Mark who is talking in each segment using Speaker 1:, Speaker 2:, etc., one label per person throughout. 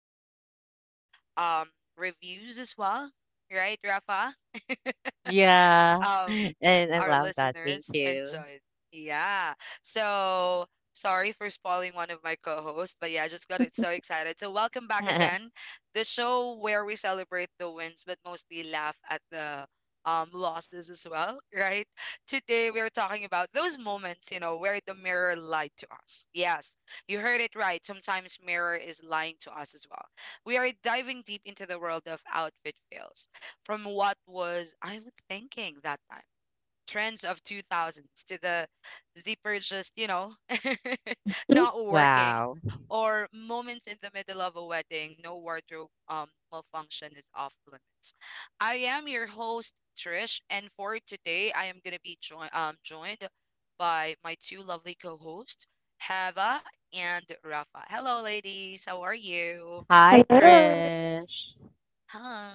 Speaker 1: We had a great um reviews as well, right, Rafa?
Speaker 2: Yeah,
Speaker 1: Um,
Speaker 2: and I
Speaker 1: our
Speaker 2: love that. Thank
Speaker 1: listeners
Speaker 2: you.
Speaker 1: enjoyed. Yeah. So sorry for spoiling one of my co hosts, but yeah, I just got it so excited. So welcome back again. The show where we celebrate the wins, but mostly laugh at the losses as well, right? Today we are talking about those moments, you know, where the mirror lied to us. Yes, you heard it right. Sometimes mirror is lying to us as well. We are diving deep into the world of outfit fails from what was I was thinking that time, trends of 2000s to the zipper just, you know,
Speaker 3: Mm.
Speaker 1: not working,
Speaker 2: Wow.
Speaker 1: or moments in the middle of a wedding. No wardrobe malfunction is off limits. I am your host Trish, and for today I am going to be joined by my two lovely co-hosts, Hava and Rafa. Hello ladies, how are you?
Speaker 2: Hi,
Speaker 3: Hello.
Speaker 2: Trish.
Speaker 1: Hi.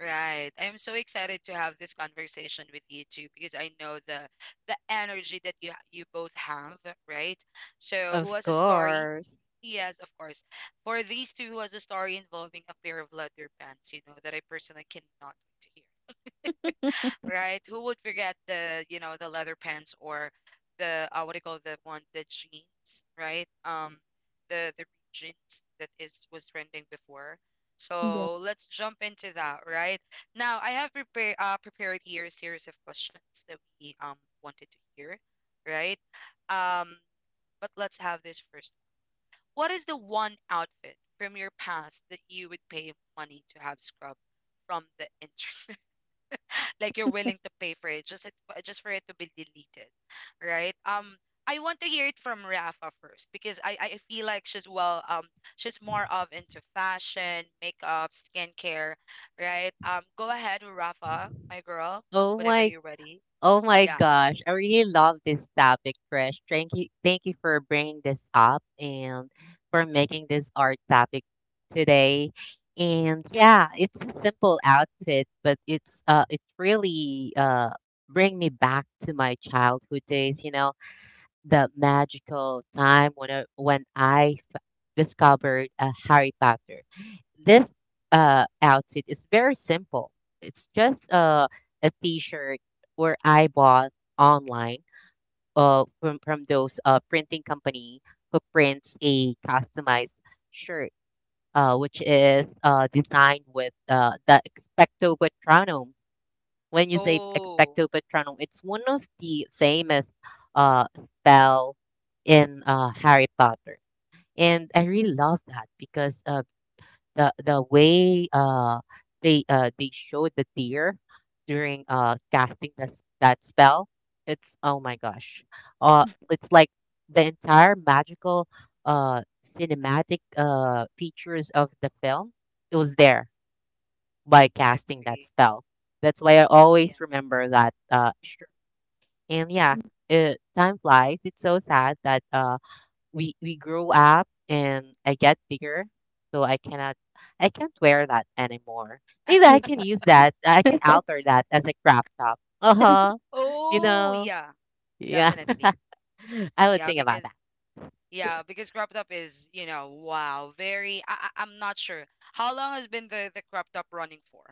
Speaker 1: Right. I'm so excited to have this conversation with you too, because I know the energy that you both have, right? So, who
Speaker 2: Of
Speaker 1: has a story?
Speaker 2: course.
Speaker 1: Yes, of course. For these two, who has a story involving a pair of leather pants, you know, that I personally cannot wait to hear, right? Who would forget the, you know, the leather pants, or the what do you call the one, the jeans, right? The jeans that is was trending before.
Speaker 3: Yeah.
Speaker 1: So let's jump into that, right? Now I have prepared here a series of questions that we wanted to hear, right? Um, but let's have this first. What is the one outfit from your past that you would pay money to have scrubbed from the internet? Like you're willing to pay for it just for it to be deleted, right um I want to hear it from Rafa first, because I feel like she's she's more of into fashion, makeup, skincare, right? Go ahead Rafa, my girl,
Speaker 2: Oh
Speaker 1: whenever
Speaker 2: my,
Speaker 1: you're ready.
Speaker 2: oh my
Speaker 1: Yeah.
Speaker 2: gosh. I really love this topic, Trish. Thank you for bringing this up and for making this art topic today. And yeah, it's a simple outfit, but it's really bring me back to my childhood days. You know, the magical time when I discovered a Harry Potter. This outfit is very simple. It's just a t-shirt where I bought online from those printing company who prints a customized shirt, which is designed with the Expecto Patronum. When you say
Speaker 1: Oh,
Speaker 2: Expecto Patronum, it's one of the famous spell in Harry Potter, and I really love that because the way they showed the deer during casting that spell, it's oh my gosh, uh, it's like the entire magical cinematic features of the film. It was there by casting
Speaker 1: agree.
Speaker 2: that spell. That's why I
Speaker 1: Yeah.
Speaker 2: always remember that. Sure. And yeah, time flies. It's so sad that uh, we grow up and I get bigger, so I can't wear that anymore. Maybe I can use that. I can alter that as a crop top. Uh huh. You
Speaker 1: Oh,
Speaker 2: know.
Speaker 1: yeah,
Speaker 2: Yeah.
Speaker 1: definitely.
Speaker 2: I would
Speaker 1: Yeah,
Speaker 2: think about
Speaker 1: because
Speaker 2: that.
Speaker 1: yeah, because crop top is, you know, wow, very. I'm not sure how long has been the crop top running for,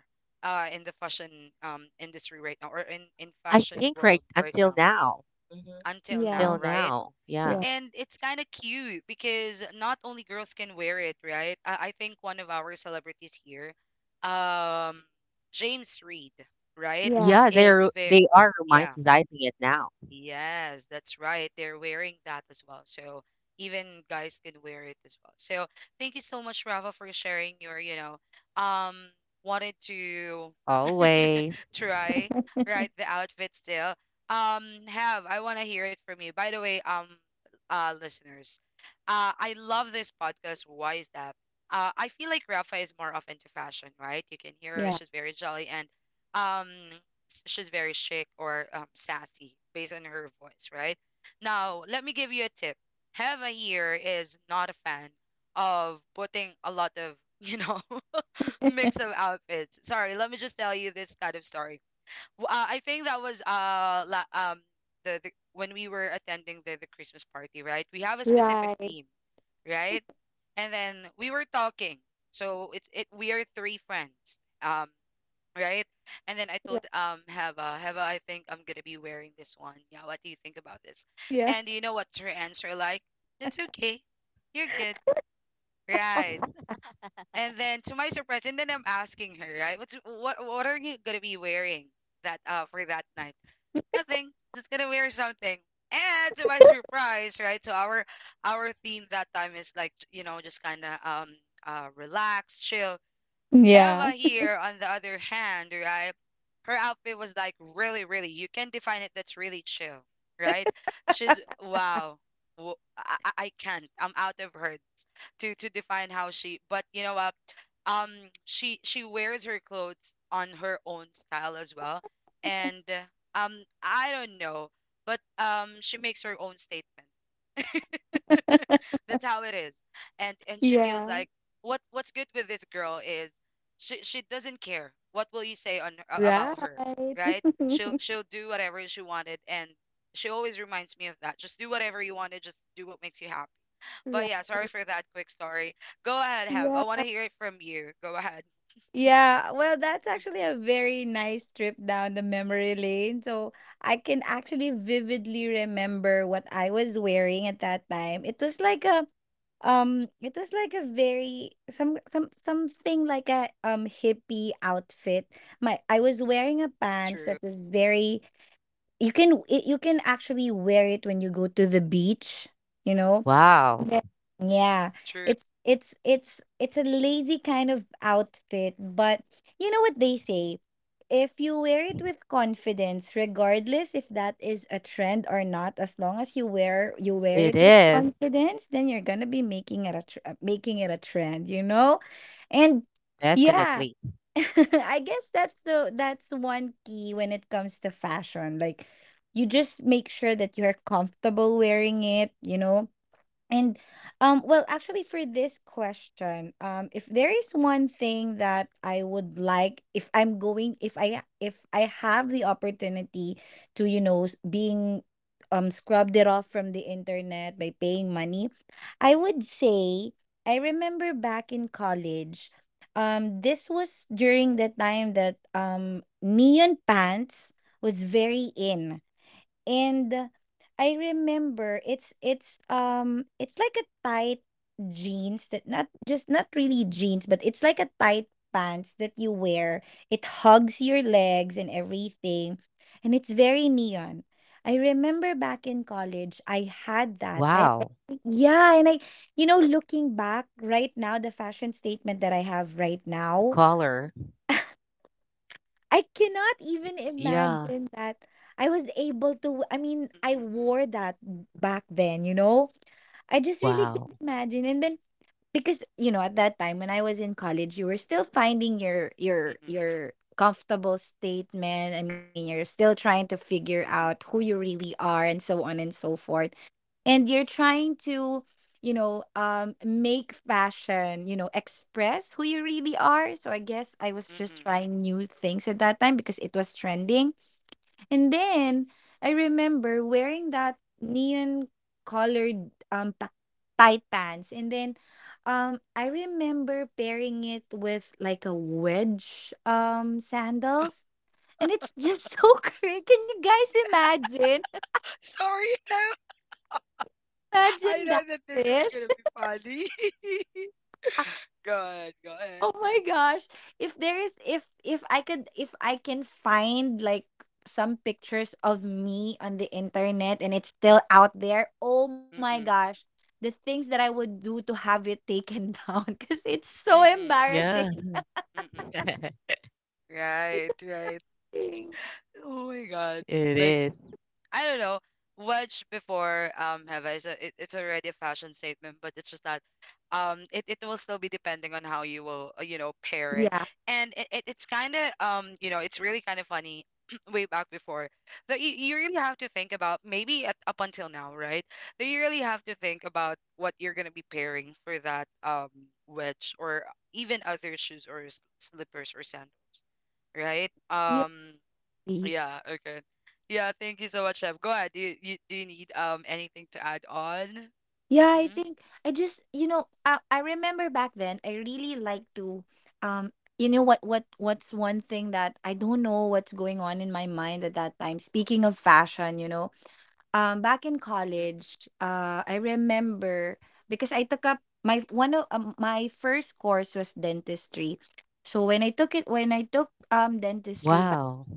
Speaker 1: in the fashion industry right now, or in
Speaker 2: I
Speaker 1: fashion
Speaker 2: think right
Speaker 1: world right
Speaker 2: until
Speaker 1: now
Speaker 2: now. Hmm.
Speaker 1: until now,
Speaker 3: Yeah.
Speaker 2: Until
Speaker 1: right?
Speaker 2: now, yeah,
Speaker 3: Yeah.
Speaker 1: And it's kind of cute because not only girls can wear it, right? I think one of our celebrities here, um, James Reed, right,
Speaker 3: Yeah.
Speaker 2: yeah,
Speaker 1: is very,
Speaker 2: they are
Speaker 1: yeah.
Speaker 2: romanticizing it now.
Speaker 1: Yes, that's right. They're wearing that as well. So even guys can wear it as well. So thank you so much, Rafa, for sharing your, you know, um, wanted to
Speaker 2: Always.
Speaker 1: try, right, the outfit still have I want to hear it from you, by the way. Listeners, I love this podcast. Why is that? I feel like Rafa is more of into fashion, right? You can hear her,
Speaker 3: Yeah.
Speaker 1: she's very jolly and um she's very chic, or sassy based on her voice, right? Now let me give you a tip. Heva here is not a fan of putting a lot of you know mix of outfits. Sorry, let me just tell you this kind of story. I think that was the when we were attending the Christmas party, right? We have a specific
Speaker 3: Right.
Speaker 1: theme, right? And then we were talking. So it's it we are three friends. Right? And then I
Speaker 3: Yeah.
Speaker 1: told Heva, Heva, I think I'm gonna be wearing this one. Yeah, what do you think about this?
Speaker 3: Yeah.
Speaker 1: And you know what's her answer like? It's okay. You're good. Right. And then to my surprise, and then I'm asking her, right? What are you gonna be wearing that for that night? Nothing. Just gonna wear something. And to my surprise, right? So our theme that time is like you know just kind of relax, chill.
Speaker 3: Yeah.
Speaker 1: Heva here on the other hand, right? Her outfit was like really, really. You can define it. That's really chill, right? She's wow. I can't. I'm out of her to define how she, but you know what, um she wears her clothes on her own style as well, and I don't know, but she makes her own statement. That's how it is, and she feels
Speaker 3: Yeah.
Speaker 1: like what what's good with this girl is she doesn't care what will you say about her,
Speaker 3: Right.
Speaker 1: right? She'll do whatever she wanted, and she always reminds me of that, just do whatever you want to, just do what makes you happy. But
Speaker 3: Right.
Speaker 1: yeah, sorry for that quick story. Go ahead, Have. I
Speaker 3: Yeah.
Speaker 1: want to hear it from you. Go ahead.
Speaker 3: Yeah, well, that's actually a very nice trip down the memory lane. So I can actually vividly remember what I was wearing at that time. It was like a it was like a very something like a hippie outfit. My I was wearing a pants
Speaker 1: True,
Speaker 3: that was very, you can actually wear it when you go to the beach, you know?
Speaker 2: Wow.
Speaker 3: Yeah, Yeah,
Speaker 1: true.
Speaker 3: it's a lazy kind of outfit, but you know what they say? If you wear it with confidence, regardless if that is a trend or not, as long as you wear
Speaker 2: It
Speaker 3: it with
Speaker 2: is.
Speaker 3: confidence, then you're gonna be making it a trend, you know? And yeah,
Speaker 2: Definitely.
Speaker 3: I guess that's the that's one key when it comes to fashion. Like, you just make sure that you're comfortable wearing it, you know? And well, actually, for this question, if there is one thing that I would like, if I'm going if I have the opportunity to, being scrubbed it off from the internet by paying money, I would say I remember back in college, this was during the time that neon pants was very in. And I remember it's it's like a tight jeans that, not really jeans, but it's like a tight pants that you wear. It hugs your legs and everything. And it's very neon. I remember back in college I had that. I
Speaker 2: Wow.
Speaker 3: Yeah, and I, you know, looking back right now, the fashion statement that I have right now,
Speaker 2: Color.
Speaker 3: I cannot even
Speaker 2: Yeah.
Speaker 3: imagine that I was able to. I mean, I
Speaker 1: Mm-mm,
Speaker 3: wore that back then, you know? I just really
Speaker 1: mm-mm,
Speaker 3: can't
Speaker 2: Wow.
Speaker 3: imagine. And then, because, you know, at that time when I was in college, you were still finding your your
Speaker 1: mm-mm,
Speaker 3: your comfortable statement. I mean, you're still trying to figure
Speaker 1: mm-mm,
Speaker 3: out who you really are and so on and so forth, and you're trying to, make fashion, express who you really are. So I guess I was just
Speaker 1: mm-mm.
Speaker 3: trying new things at that time because it was trending. And then I remember wearing that neon colored tight pants, and then I remember pairing it with like a wedge sandals, and it's just so crazy. Can you guys imagine
Speaker 1: Sorry, Have. I
Speaker 3: imagine
Speaker 1: know
Speaker 3: that,
Speaker 1: that this one's
Speaker 3: Trish?
Speaker 1: gonna be funny. Go ahead, go ahead.
Speaker 3: Oh my gosh. If there is if I could if I can find like some pictures of me on the internet and it's still out there, oh my
Speaker 1: Mm-mm,
Speaker 3: gosh. The things that I would do to have it taken down, cuz it's so
Speaker 1: mm-mm,
Speaker 2: Yeah,
Speaker 3: embarrassing.
Speaker 1: mm-mm.
Speaker 3: It's a
Speaker 1: Right, right.
Speaker 3: thing.
Speaker 1: Oh my God.
Speaker 2: it
Speaker 1: Like.
Speaker 2: is.
Speaker 1: I don't know. Wedge before, Heva, it, it's already a fashion statement, but it's just that it will still be depending on how you will you know, pair it,
Speaker 3: Yeah.
Speaker 1: and it it's kind of you know, it's really kind of funny, way back before, that you really have to think about, maybe at, up until now, right, that you really have to think about what you're gonna be pairing for that wedge, or even other shoes or slippers or sandal, right
Speaker 3: Yeah,
Speaker 1: um
Speaker 3: see.
Speaker 1: yeah, okay. Yeah, thank you so much, Chef. Go ahead. Do you, do you need anything to add on?
Speaker 3: Yeah, I
Speaker 1: Mm-hmm.
Speaker 3: think I just, I remember back then I really like to, um what's one thing that I don't know what's going on in my mind at that time. Speaking of fashion, you know, um, back in
Speaker 1: Mm-mm.
Speaker 3: college, I remember, because I took up my one of my first course, was dentistry. So when I took it, when I took dentistry,
Speaker 2: Wow.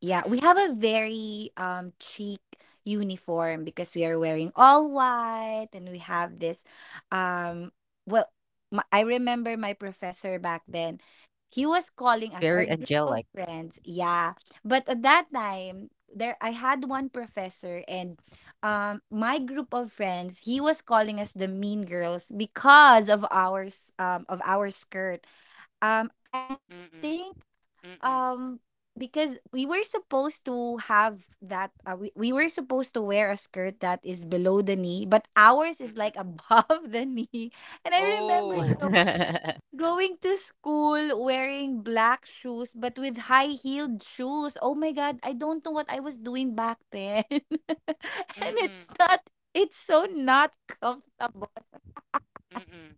Speaker 3: yeah,
Speaker 1: Mm-mm.
Speaker 3: we have a very chic uniform because we are wearing all white. And we have this um well I remember my professor back then, he was calling us, our
Speaker 2: Very
Speaker 3: group of
Speaker 2: angelic.
Speaker 3: friends. Yeah. But at that time, there, I had one professor, and my group of friends, he was calling us the mean girls because of ours, of our skirt. I think,
Speaker 1: Mm-mm. Mm-mm.
Speaker 3: um, because we were supposed to have that we were supposed to wear a skirt that is below the knee, but ours is like
Speaker 1: Mm-mm.
Speaker 3: above the knee. And I remember, you
Speaker 1: Oh.
Speaker 3: know, going to school wearing black shoes but with high-heeled shoes. Oh my God, I don't know what I was doing back then. And
Speaker 1: Mm-mm.
Speaker 3: it's not, it's so not comfortable.
Speaker 1: Mm-mm.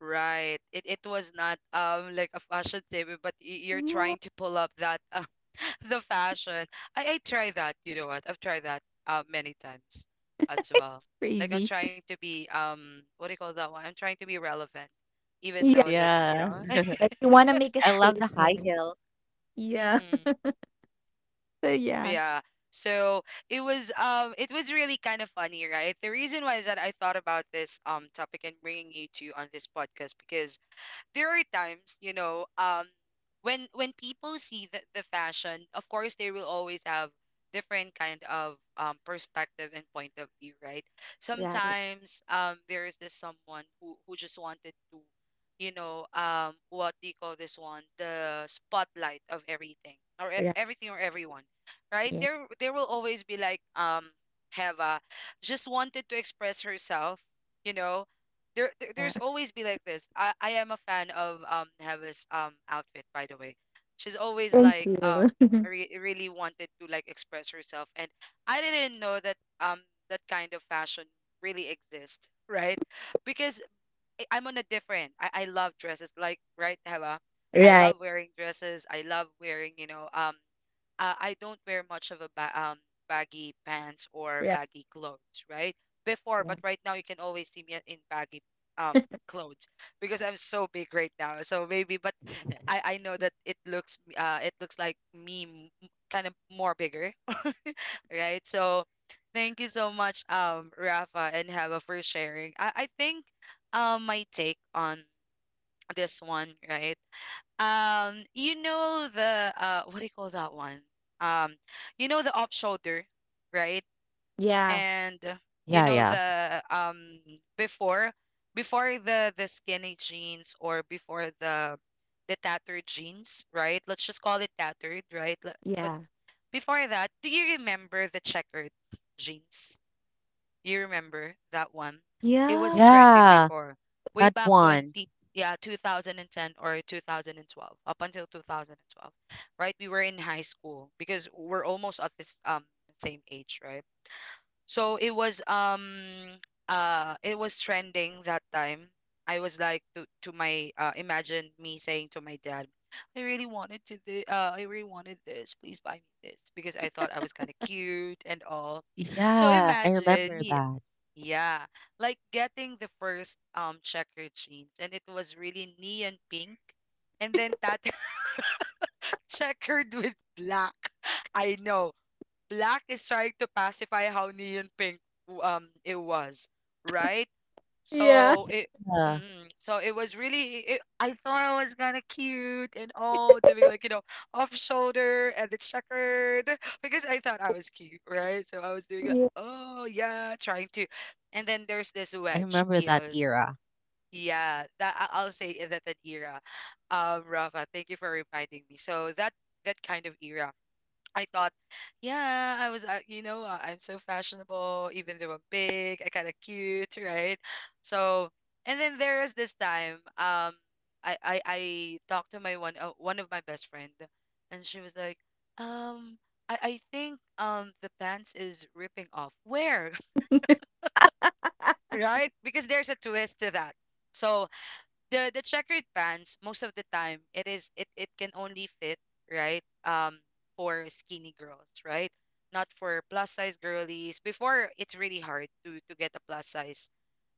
Speaker 1: Right. It was not like a fashion statement, but you're
Speaker 3: Yeah.
Speaker 1: trying to pull up that the fashion. I try that. You know what? I've tried that many times as well. Like I'm
Speaker 3: Crazy.
Speaker 1: trying to be what do you call that one? I'm trying to be relevant, even
Speaker 3: Yeah.
Speaker 1: though that you
Speaker 2: Yeah.
Speaker 1: know.
Speaker 3: Like, you want to make a
Speaker 2: I love the high
Speaker 3: statement.
Speaker 2: heels.
Speaker 3: Yeah.
Speaker 1: Mm-mm.
Speaker 3: So, yeah.
Speaker 1: Yeah. So it was really kind of funny, right? The reason why is that I thought about this topic and bringing you to on this podcast, because there are times, you know, when people see the fashion, of course they will always have different kind of perspective and point of view, right?
Speaker 3: Right.
Speaker 1: Sometimes there is this someone who just wanted to, you know, what do you call this one? The spotlight of everything, everything or everyone, right?
Speaker 3: Yeah.
Speaker 1: There will always be like Heva just wanted to express herself, you know,
Speaker 3: Yeah.
Speaker 1: there's always be like this. I am a fan of Heva's outfit, by the way. She's always
Speaker 3: Thank
Speaker 1: like
Speaker 3: you.
Speaker 1: really wanted to like express herself, and I didn't know that that kind of fashion really exists, right? Because I'm on a different. I love dresses, like right Heva. I
Speaker 3: Right.
Speaker 1: love wearing dresses. I love wearing, you know, I don't wear much of a baggy pants or
Speaker 3: Right.
Speaker 1: baggy clothes, right? Before, but
Speaker 3: Right.
Speaker 1: right now you can always see me in baggy um clothes, because I'm so big right now. So maybe, but I know that it looks like me kind of more bigger, right? So thank you so much, Rafa and Hava, for sharing. I think my take on this one, right? You know the what do you call that one? Um, you know the off shoulder, right?
Speaker 3: Yeah.
Speaker 1: And you
Speaker 2: Yeah,
Speaker 1: know
Speaker 2: yeah.
Speaker 1: the before, the skinny jeans or before the tattered jeans, right? Let's just call it tattered, right? But
Speaker 3: Yeah.
Speaker 1: before that, do you remember the checkered jeans? You remember that one? It was
Speaker 3: Yeah.
Speaker 1: trending
Speaker 2: Yeah.
Speaker 1: before, way
Speaker 2: That
Speaker 1: back
Speaker 2: one.
Speaker 1: 20, yeah, 2010 or 2012, up until 2012, right? We were in high school, because we're almost at this same age, right? So it was trending that time. I was like to my imagine me saying to my dad, I really wanted to the I really wanted this. Please buy me this, because I thought I was kind of cute and all. So
Speaker 2: Yeah. I
Speaker 1: imagine,
Speaker 2: remember that.
Speaker 1: yeah, like getting the first checkered jeans, and it was really neon pink, and then tattered checkered with black. I know black is trying to pacify how neon pink it was, right?
Speaker 3: Yeah.
Speaker 1: So it
Speaker 2: Yeah.
Speaker 1: so it was really it. I thought I was kind of cute and all doing like off shoulder and the checkered because I thought I was cute, right? So I was doing like,
Speaker 3: Yeah.
Speaker 1: oh yeah, trying to, and then there's this
Speaker 2: I
Speaker 1: wedge
Speaker 2: remember that
Speaker 1: heels.
Speaker 2: era.
Speaker 1: Yeah, I'll say in that era. Rafa, thank you for reminding me. So that kind of era I thought, yeah, I was, I'm so fashionable, even though I'm big, I kind of cute, right? So, and then there was this time, I talked to my one of my best friend, and she was like, um, I think, the pants is ripping off. Where, right? Because there's a twist to that. So the checkered pants most of the time it is it it can only fit, right, for skinny girls, right? Not for plus size girlies before. It's really hard to get a plus size,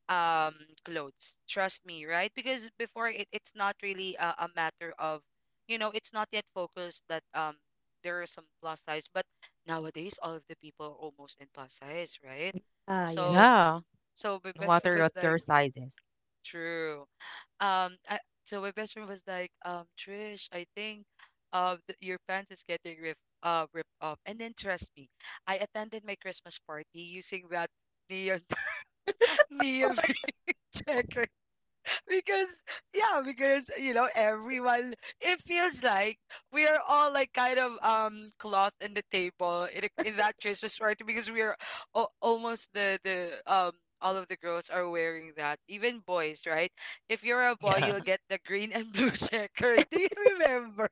Speaker 1: um clothes, trust me, right? Because before it's not really a matter of, you know, it's not yet focused that, there are some plus size, but nowadays all of the people are almost in plus size, right?
Speaker 3: Yeah.
Speaker 1: so
Speaker 2: Yeah.
Speaker 1: so my
Speaker 2: No
Speaker 1: best friend
Speaker 2: matter what
Speaker 1: was
Speaker 2: your
Speaker 1: like
Speaker 2: sizes.
Speaker 1: true um I, so my best friend was like, Trish, I think, your pants is getting ripped off. And then trust me, I attended my Christmas party using that neon neon check because yeah, because you know, everyone, it feels like we are all like kind of cloth in the table in that Christmas party, because we are almost the all of the girls are wearing that, even boys, right? If you're a boy,
Speaker 2: Yeah.
Speaker 1: you'll get the green and blue checker. Do you remember?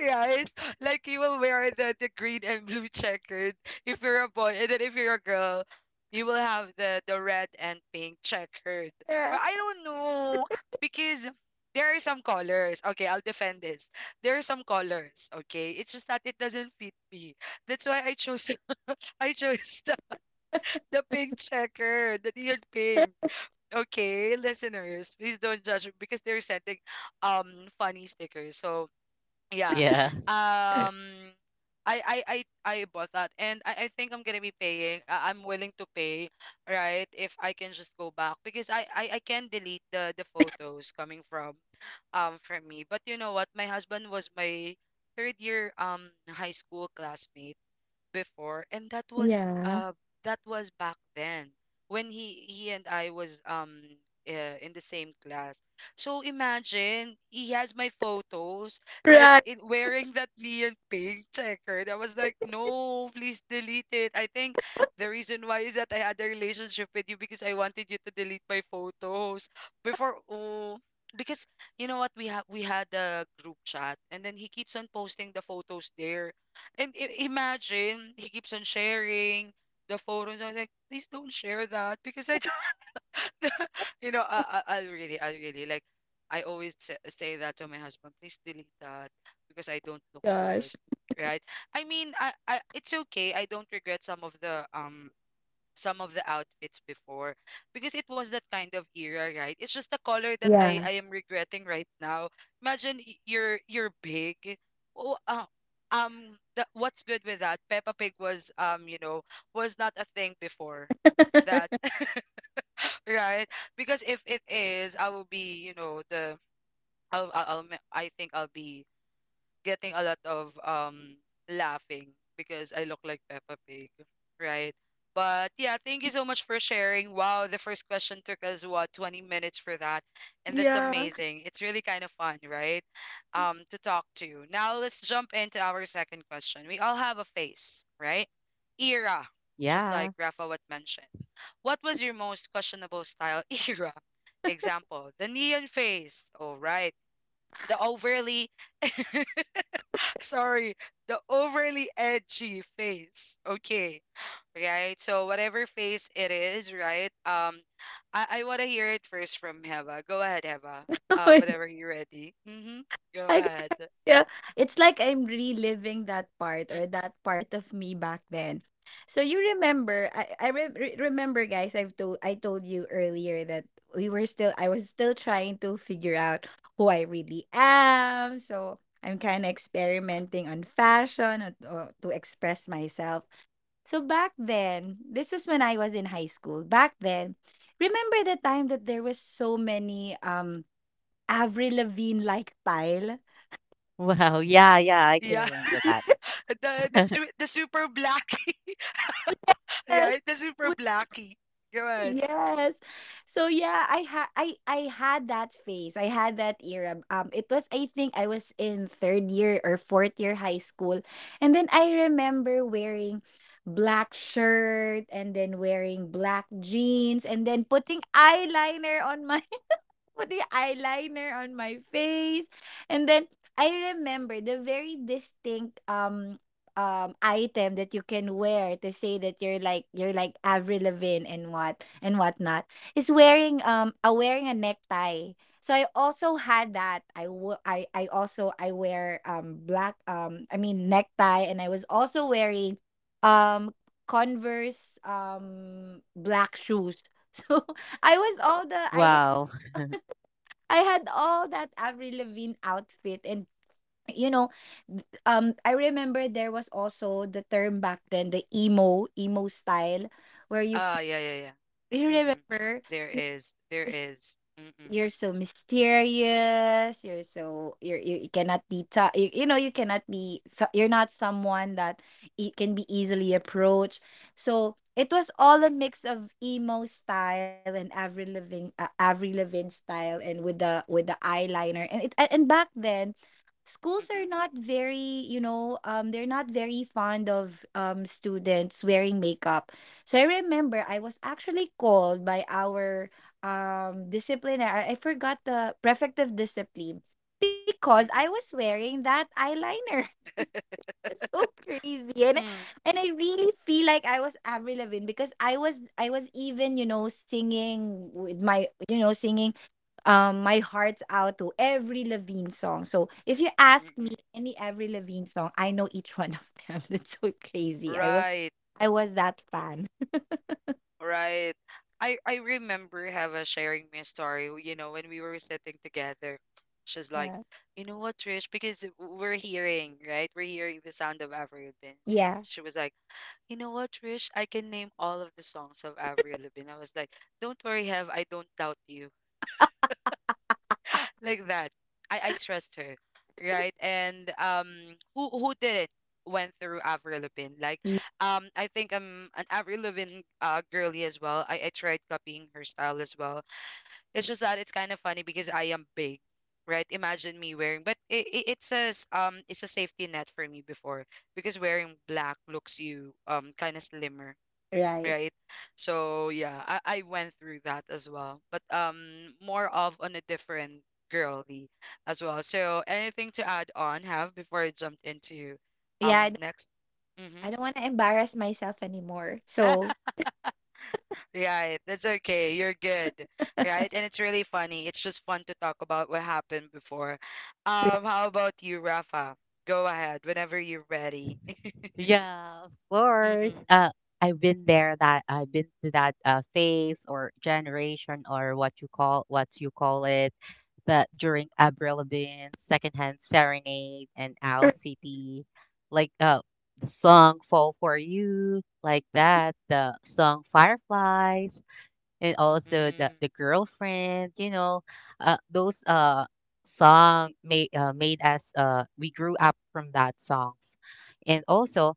Speaker 1: Right? Like you will wear the green and blue checkered if you're a boy, and then if you're a girl, you will have the red and pink checkered.
Speaker 3: Yeah.
Speaker 1: But I don't know, because there are some colors. Okay, I'll defend this. There are some colors. Okay, it's just that it doesn't fit me. That's why I chose I chose the pink checker, the neon pink. Okay, listeners, please don't judge me because they're sending um funny stickers. So yeah.
Speaker 2: Yeah.
Speaker 1: Um I I I I bought that, and I think I'm gonna be paying. I'm willing to pay, right? If I can just go back, because I can delete the photos coming from me. But you know what? My husband was my third year high school classmate before, and
Speaker 3: Yeah.
Speaker 1: that was back then, when he and I was in the same class. So imagine he has my photos like
Speaker 3: Right.
Speaker 1: in wearing that neon pink checkered. I was like, no, please delete it. I think the reason why is that I had a relationship with you because I wanted you to delete my photos before. Oh, because you know what, we had a group chat, and then he keeps on posting the photos there, and imagine he keeps on sharing the photos. I was like, please don't share that, because I don't, you know, I really like, I always say that to my husband, please delete that because I don't look good,
Speaker 3: Gosh.
Speaker 1: right? I mean, it's okay. I don't regret some of the outfits before, because it was that kind of era, right? It's just the color that
Speaker 3: Yeah.
Speaker 1: I am regretting right now. Imagine you're big. Oh, uh, what's good with that? Peppa Pig was, you know, was not a thing before that, right? Because if it is, I will be, you know, the I'll I think I'll be getting a lot of laughing, because I look like Peppa Pig, right? But yeah, thank you so much for sharing. Wow, the first question took us what, 20 minutes for that, and that's
Speaker 3: Yeah.
Speaker 1: amazing. It's really kind of fun, right? To talk to. Now let's jump into our second question. We all have a face, right? Era, just
Speaker 2: Yeah.
Speaker 1: like Rafa what mentioned. What was your most questionable style era? Example, the neon face. All right. The overly sorry, the overly edgy face. Okay, right. So whatever face it is, right? I want to hear it first from Heva. Go ahead, Heva.
Speaker 3: Oh my
Speaker 1: Whenever you're ready. Mm-hmm. Go
Speaker 3: God.
Speaker 1: ahead.
Speaker 3: Yeah, it's like I'm reliving that part,
Speaker 1: Mm.
Speaker 3: or that part of me back then. So, you remember, remember, guys. I told you earlier that we were still, I was still trying to figure out who I really am. So I'm kind of experimenting on fashion, or to express myself. So back then, this was when I was in high school. Back then, remember the time that there was so many Avril Lavigne like style.
Speaker 2: Wow. Yeah, yeah, I can
Speaker 1: Yeah,
Speaker 2: remember that.
Speaker 1: the super blackie,
Speaker 3: Yes.
Speaker 1: right? The
Speaker 3: Would
Speaker 1: super blackie. Go ahead.
Speaker 3: Yes. So yeah, I had that phase. I had that era. It was, I think I was in third year or fourth year high school, and then I remember wearing black shirt, and then wearing black jeans, and then putting eyeliner on my, with the eyeliner on my face. And then I remember the very distinct item that you can wear to say that you're like Avril Lavigne and what and whatnot, is wearing a wearing a necktie. So I also had that. I also I wear black, I mean necktie. And I was also wearing um Converse black shoes. So I was all the I
Speaker 2: Wow.
Speaker 3: I had all
Speaker 1: Mm-mm.
Speaker 3: that Avril Lavigne outfit. And you know, I remember there was also the term back then, the emo, emo style, where you
Speaker 1: Ah,
Speaker 3: feel,
Speaker 1: yeah, yeah, yeah.
Speaker 3: you
Speaker 1: Mm-mm.
Speaker 3: remember,
Speaker 1: There is, there is. Mm-mm,
Speaker 3: you're so mysterious, you're so, you're, you cannot you know, you cannot you're not someone that it can be easily approached. So it was all
Speaker 1: mm-mm,
Speaker 3: a mix of emo style and Avril Lavigne, Avril Lavigne style, and with the eyeliner. And and back then schools are not very, you know, um, they're not very fond of students wearing makeup. So I remember I was actually called by our discipline, I forgot, the prefective discipline, because I
Speaker 1: mm-mm, mm-mm.
Speaker 3: was wearing that eyeliner. It's so crazy. And
Speaker 1: Mm,
Speaker 3: and I really feel like I was Avril Lavigne, because I was, I was even, you know, singing with my, you know, singing my heart's out to every Lavigne song. So if you ask me
Speaker 1: mm-mm.
Speaker 3: any Avril Lavigne song, I know each one of them. That's so crazy.
Speaker 1: Right.
Speaker 3: I was that fan.
Speaker 1: Right. I remember Hava sharing me a story, you know, when we were sitting together. She's like,
Speaker 3: Yeah.
Speaker 1: you know what, Trish, because we're hearing, right? We're hearing the sound of Avril Lavigne.
Speaker 3: Yeah.
Speaker 1: She was like, you know what, Trish, I can name all of the songs of Avril Lavigne. I was like, don't worry, Have, I don't doubt you like that. I trust her, right? And who didn't went through Avril Lavigne? Like,
Speaker 3: y-
Speaker 1: I think I'm an Avril Lavigne girly as well. I tried copying her style as well. It's just that it's kind of funny because I am big, right? Imagine me wearing, but it's it's a safety net for me before because wearing black looks you kind of slimmer,
Speaker 3: Right.
Speaker 1: right? So yeah, I went through that as well, but more of on a different girly as well. So anything to add on, Have, before I jumped into
Speaker 3: Yeah,
Speaker 1: next. Mm-hmm.
Speaker 3: I don't want to embarrass myself anymore. So,
Speaker 1: Right, that's okay, you're good, right. And it's really funny, it's just fun to talk about what happened before.
Speaker 3: right.
Speaker 1: Um, how about you, Rafa? Go ahead whenever you're ready.
Speaker 2: Yeah, of course.
Speaker 1: Mm-mm,
Speaker 2: I've been there. That I've been to that phase or generation or what you call it. That during Avril Lavigne, Secondhand Serenade, and Owl
Speaker 3: Oh
Speaker 2: City, like the song "Fall for You," like that. The song "Fireflies." And also the
Speaker 1: mm-mm,
Speaker 2: girlfriend, you know, those song made made us, uh, we grew up from that songs. And also,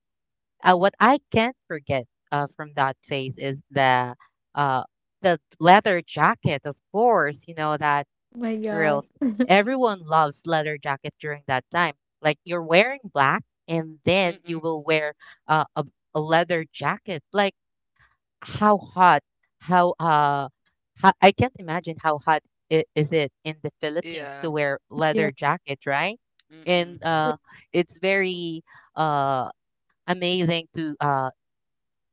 Speaker 2: what I can't forget from that phase is uh the leather jacket. Of course, you know that
Speaker 3: my God.
Speaker 2: girls, everyone loves leather jacket during that time. Like you're wearing black and then you
Speaker 1: mm-mm.
Speaker 2: will wear uh, a, a leather jacket. Like how hot, how uh how, I can't imagine how hot is it in the Philippines to
Speaker 1: Yeah.
Speaker 2: wear
Speaker 3: Yeah.
Speaker 2: leather jacket, right? and
Speaker 1: Mm-mm,
Speaker 2: uh it's very uh amazing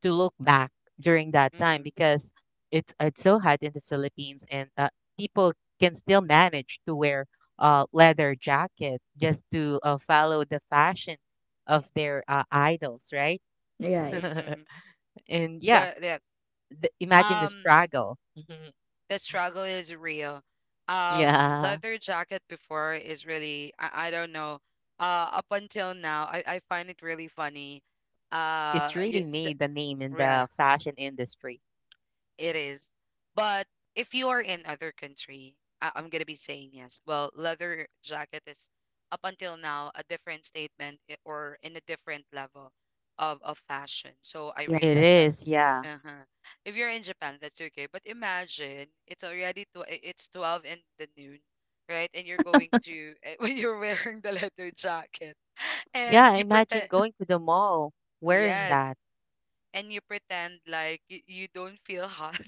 Speaker 2: to look back during that time
Speaker 1: mm-mm,
Speaker 2: because it's so hot in the Philippines and people can still manage to wear leather jacket just to follow the fashion of their idols, right?
Speaker 3: Right.
Speaker 1: mm-mm.
Speaker 2: And yeah,
Speaker 1: Yeah.
Speaker 2: imagine the
Speaker 1: Um,
Speaker 2: struggle. Mhm.
Speaker 1: the struggle is real.
Speaker 2: Yeah,
Speaker 1: Leather jacket before is really I don't know. Up until now, I find it really funny.
Speaker 2: it
Speaker 1: Yeah,
Speaker 2: really made the name in
Speaker 1: yeah,
Speaker 2: the fashion industry.
Speaker 1: it is. But if you are in other country, I'm gonna be saying yes. Well, leather jacket is up until now a different statement or in a different level of fashion. So I
Speaker 3: Yeah.
Speaker 1: really
Speaker 2: It
Speaker 1: like that.
Speaker 2: is, yeah.
Speaker 1: Uh-huh. If you're in Japan, that's okay. But imagine it's already it's 12 in the noon, right? And you're going to when you're wearing the leather jacket and
Speaker 2: Yeah,
Speaker 1: you
Speaker 2: imagine
Speaker 1: pretend,
Speaker 2: going to the mall wearing
Speaker 1: yes,
Speaker 2: that.
Speaker 1: and you pretend like you don't feel hot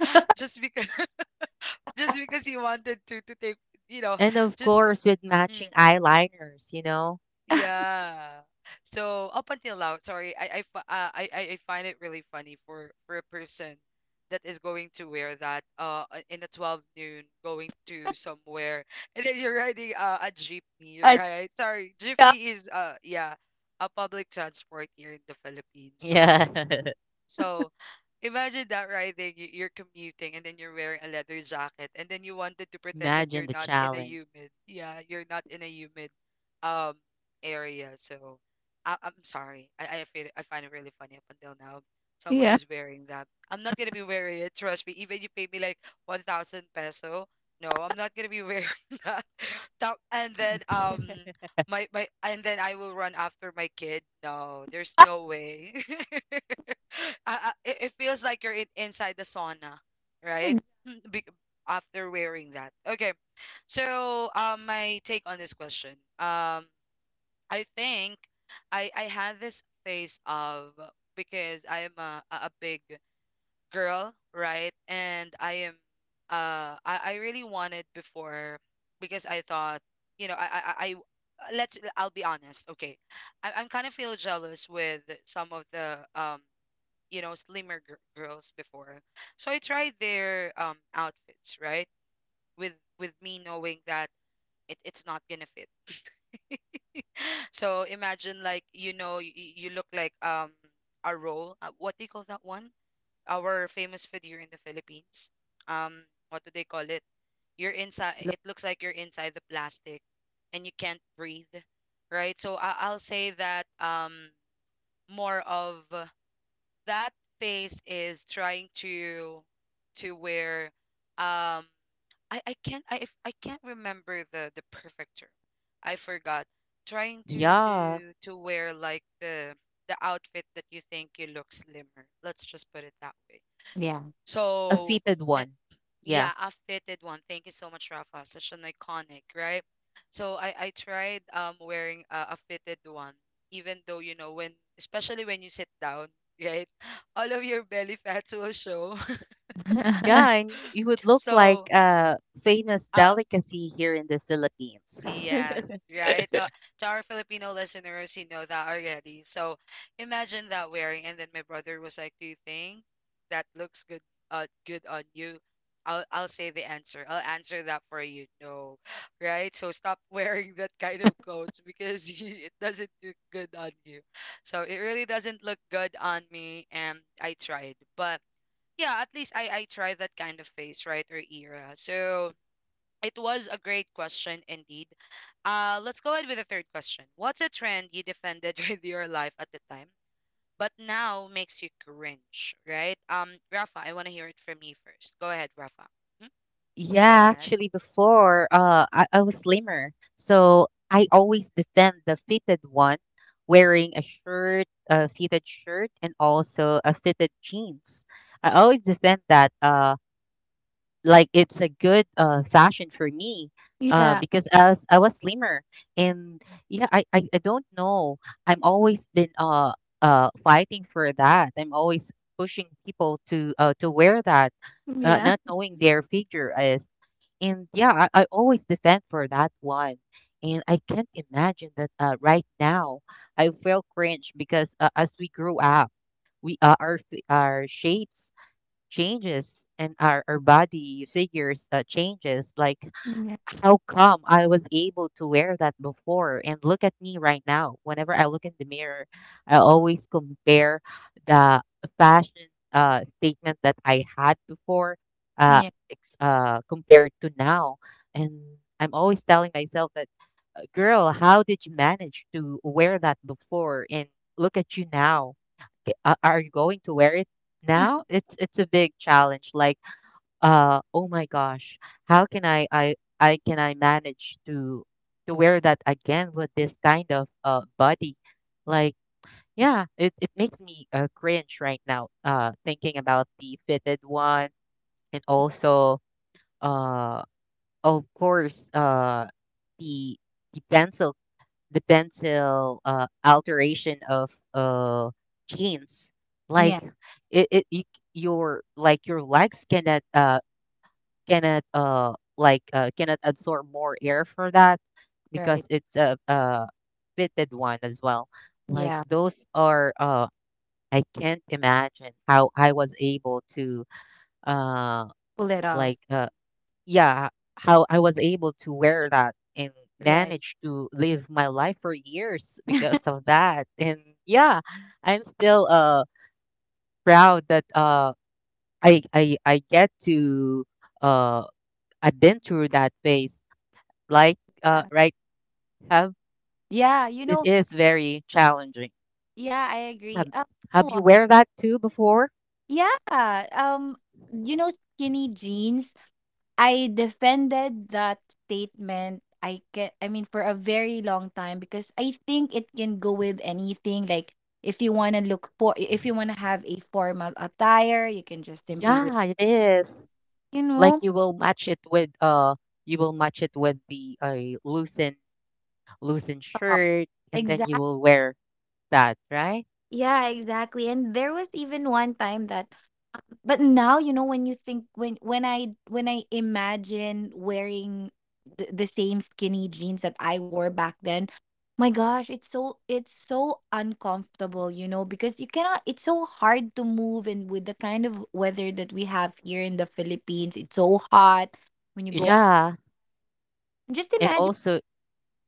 Speaker 1: just because just because you wanted to take, you know,
Speaker 2: And of
Speaker 1: just.
Speaker 2: course, with matching eyeliners, you know?
Speaker 1: Yeah. So up until now, sorry, I fi- I find it really funny for a person that is going to wear that in a 12 noon going to somewhere, and then you're riding a jeepney,
Speaker 3: Uh,
Speaker 1: right? Sorry,
Speaker 3: yeah.
Speaker 1: jeepney is uh, yeah, a public transport here in the Philippines. So
Speaker 2: Yeah.
Speaker 1: so imagine that riding, you're commuting, and then you're wearing a leather jacket, and then you wanted to pretend that
Speaker 2: Imagine
Speaker 1: you're
Speaker 2: the
Speaker 1: not in a
Speaker 2: challenge.
Speaker 1: humid. Yeah, you're not in a humid um area. So I'm sorry. I find it really funny up until now. Someone
Speaker 3: Yeah.
Speaker 1: who's wearing that. I'm not gonna be wearing it. Trust me. Even you pay me like 1,000 peso. No, I'm not gonna be wearing that. Top and then my, and then I will run after my kid. No, there's no way. It it feels like you're inside the sauna, right?
Speaker 3: Ex-
Speaker 1: Be, after wearing that. Okay. So, my take on this question. I think I had this phase of because I am a big girl, right? And I am I really wanted before because I thought, you know, let's I'll be honest, okay. I'm kind of feel jealous with some of the um, you know, slimmer girls before. So I tried their outfits, right? With me knowing that it's not gonna fit. So imagine, like, you know, you look like a roll. What do you call that one? Our famous food here in the Philippines. Um, what do they call it? You're inside. It looks like you're inside the plastic, and you can't breathe, right? So I'll say that more of that phase is trying to where um I can't I if- I can't remember the perfect term. I forgot. Trying to
Speaker 2: Yeah,
Speaker 1: wear like the outfit that you think you look slimmer. Let's just put it that way.
Speaker 3: Yeah.
Speaker 2: a
Speaker 1: So
Speaker 2: fitted
Speaker 1: eh,
Speaker 2: one. Yeah.
Speaker 1: yeah, a fitted one. Thank you so much, Rafa. Such an iconic, right? So I tried wearing a fitted one, even though, you know when especially when you sit down, right? All of your belly fats will show.
Speaker 2: Yeah, and you would look like
Speaker 1: So.
Speaker 2: a famous
Speaker 1: uh.
Speaker 2: delicacy here in the Philippines.
Speaker 1: Yes, right. To our Filipino listeners, you know that already. So imagine that wearing, and then my brother was like, "Do you think that looks good? Good on you?" I'll say the answer. I'll answer that for you. No, right? So stop wearing that kind of clothes because it doesn't look good on you. So it really doesn't look good on me, and I tried, but yeah, at least I tried that kind of face, right, or era. So it was a great question indeed. Let's go ahead with the third question. What's a trend you defended with your life at the time, but now makes you cringe, right? Rafa, I want to hear it from you first. Go ahead, Rafa. Mhm. Go
Speaker 2: Yeah,
Speaker 1: ahead.
Speaker 2: actually, before I was slimmer, so I always defend the fitted one, wearing a shirt, a fitted shirt, and also a fitted jeans. I always defend that, like it's a good fashion for me,
Speaker 3: Yeah. Yeah.
Speaker 2: because as I was slimmer, and yeah, I don't know. I'm always been fighting for that. I'm always pushing people to wear that, not knowing their figure is. And yeah, I always defend for that one. And I can't imagine that, right now I feel cringe because, as we grew up, we our our shapes changes, and our body figures, changes. Like
Speaker 3: Yeah.
Speaker 2: how come I was able to wear that before? And look at me right now. Whenever I look in the mirror, I always compare the fashion, statement that I had before, uh,
Speaker 3: Yeah.
Speaker 2: compared to now. And I'm always telling myself that, girl, how did you manage to wear that before? And look at you now. Are you going to wear it now?" It's a big challenge. Like oh my gosh, how can I can I manage to wear that again with this kind of body? Like yeah, it makes me, cringe right now, thinking about the fitted one. And also, uh of course, the pencil, the pencil, alteration of jeans.
Speaker 3: Yeah.
Speaker 2: Like it, it you, your like your legs cannot cannot absorb more air for that
Speaker 3: Right.
Speaker 2: because it's a fitted one as well. Like
Speaker 3: Yeah.
Speaker 2: those are I can't imagine how I was able to uh
Speaker 3: Pull it off.
Speaker 2: like uh yeah, how I was able to wear that and
Speaker 3: Right.
Speaker 2: manage to live my life for years because of that. And yeah, I'm still proud that I get to uh I've been through that phase. Like,
Speaker 3: Yeah.
Speaker 2: right, have
Speaker 3: Yeah. You
Speaker 2: it
Speaker 3: know,
Speaker 2: is very challenging.
Speaker 3: yeah, I agree.
Speaker 2: Have,
Speaker 3: You
Speaker 2: have
Speaker 3: know
Speaker 2: you
Speaker 3: what?
Speaker 2: wear that too before?
Speaker 3: Yeah. Um, you know, skinny jeans. I defended that statement. I mean, for a very long time, because I think it can go with anything. Like, if you wanna look for, if you wanna have a formal attire, you can just simply wear,
Speaker 2: Yeah, it is.
Speaker 3: you
Speaker 2: Like
Speaker 3: know,
Speaker 2: you will match it with you will match it with the loosened loosened shirt and then you
Speaker 3: top.
Speaker 2: will wear that, right?
Speaker 3: Yeah, exactly. And there was even one time that, but now, you know, when you think, when I, when I imagine wearing the same skinny jeans that I wore back then, my gosh, it's so, it's so uncomfortable, you know? Because you cannot, it's so hard to move, and with the kind of weather that we have here in the Philippines, it's so hot when you go out.
Speaker 2: Yeah.
Speaker 3: Just
Speaker 2: And
Speaker 3: imagine,
Speaker 2: also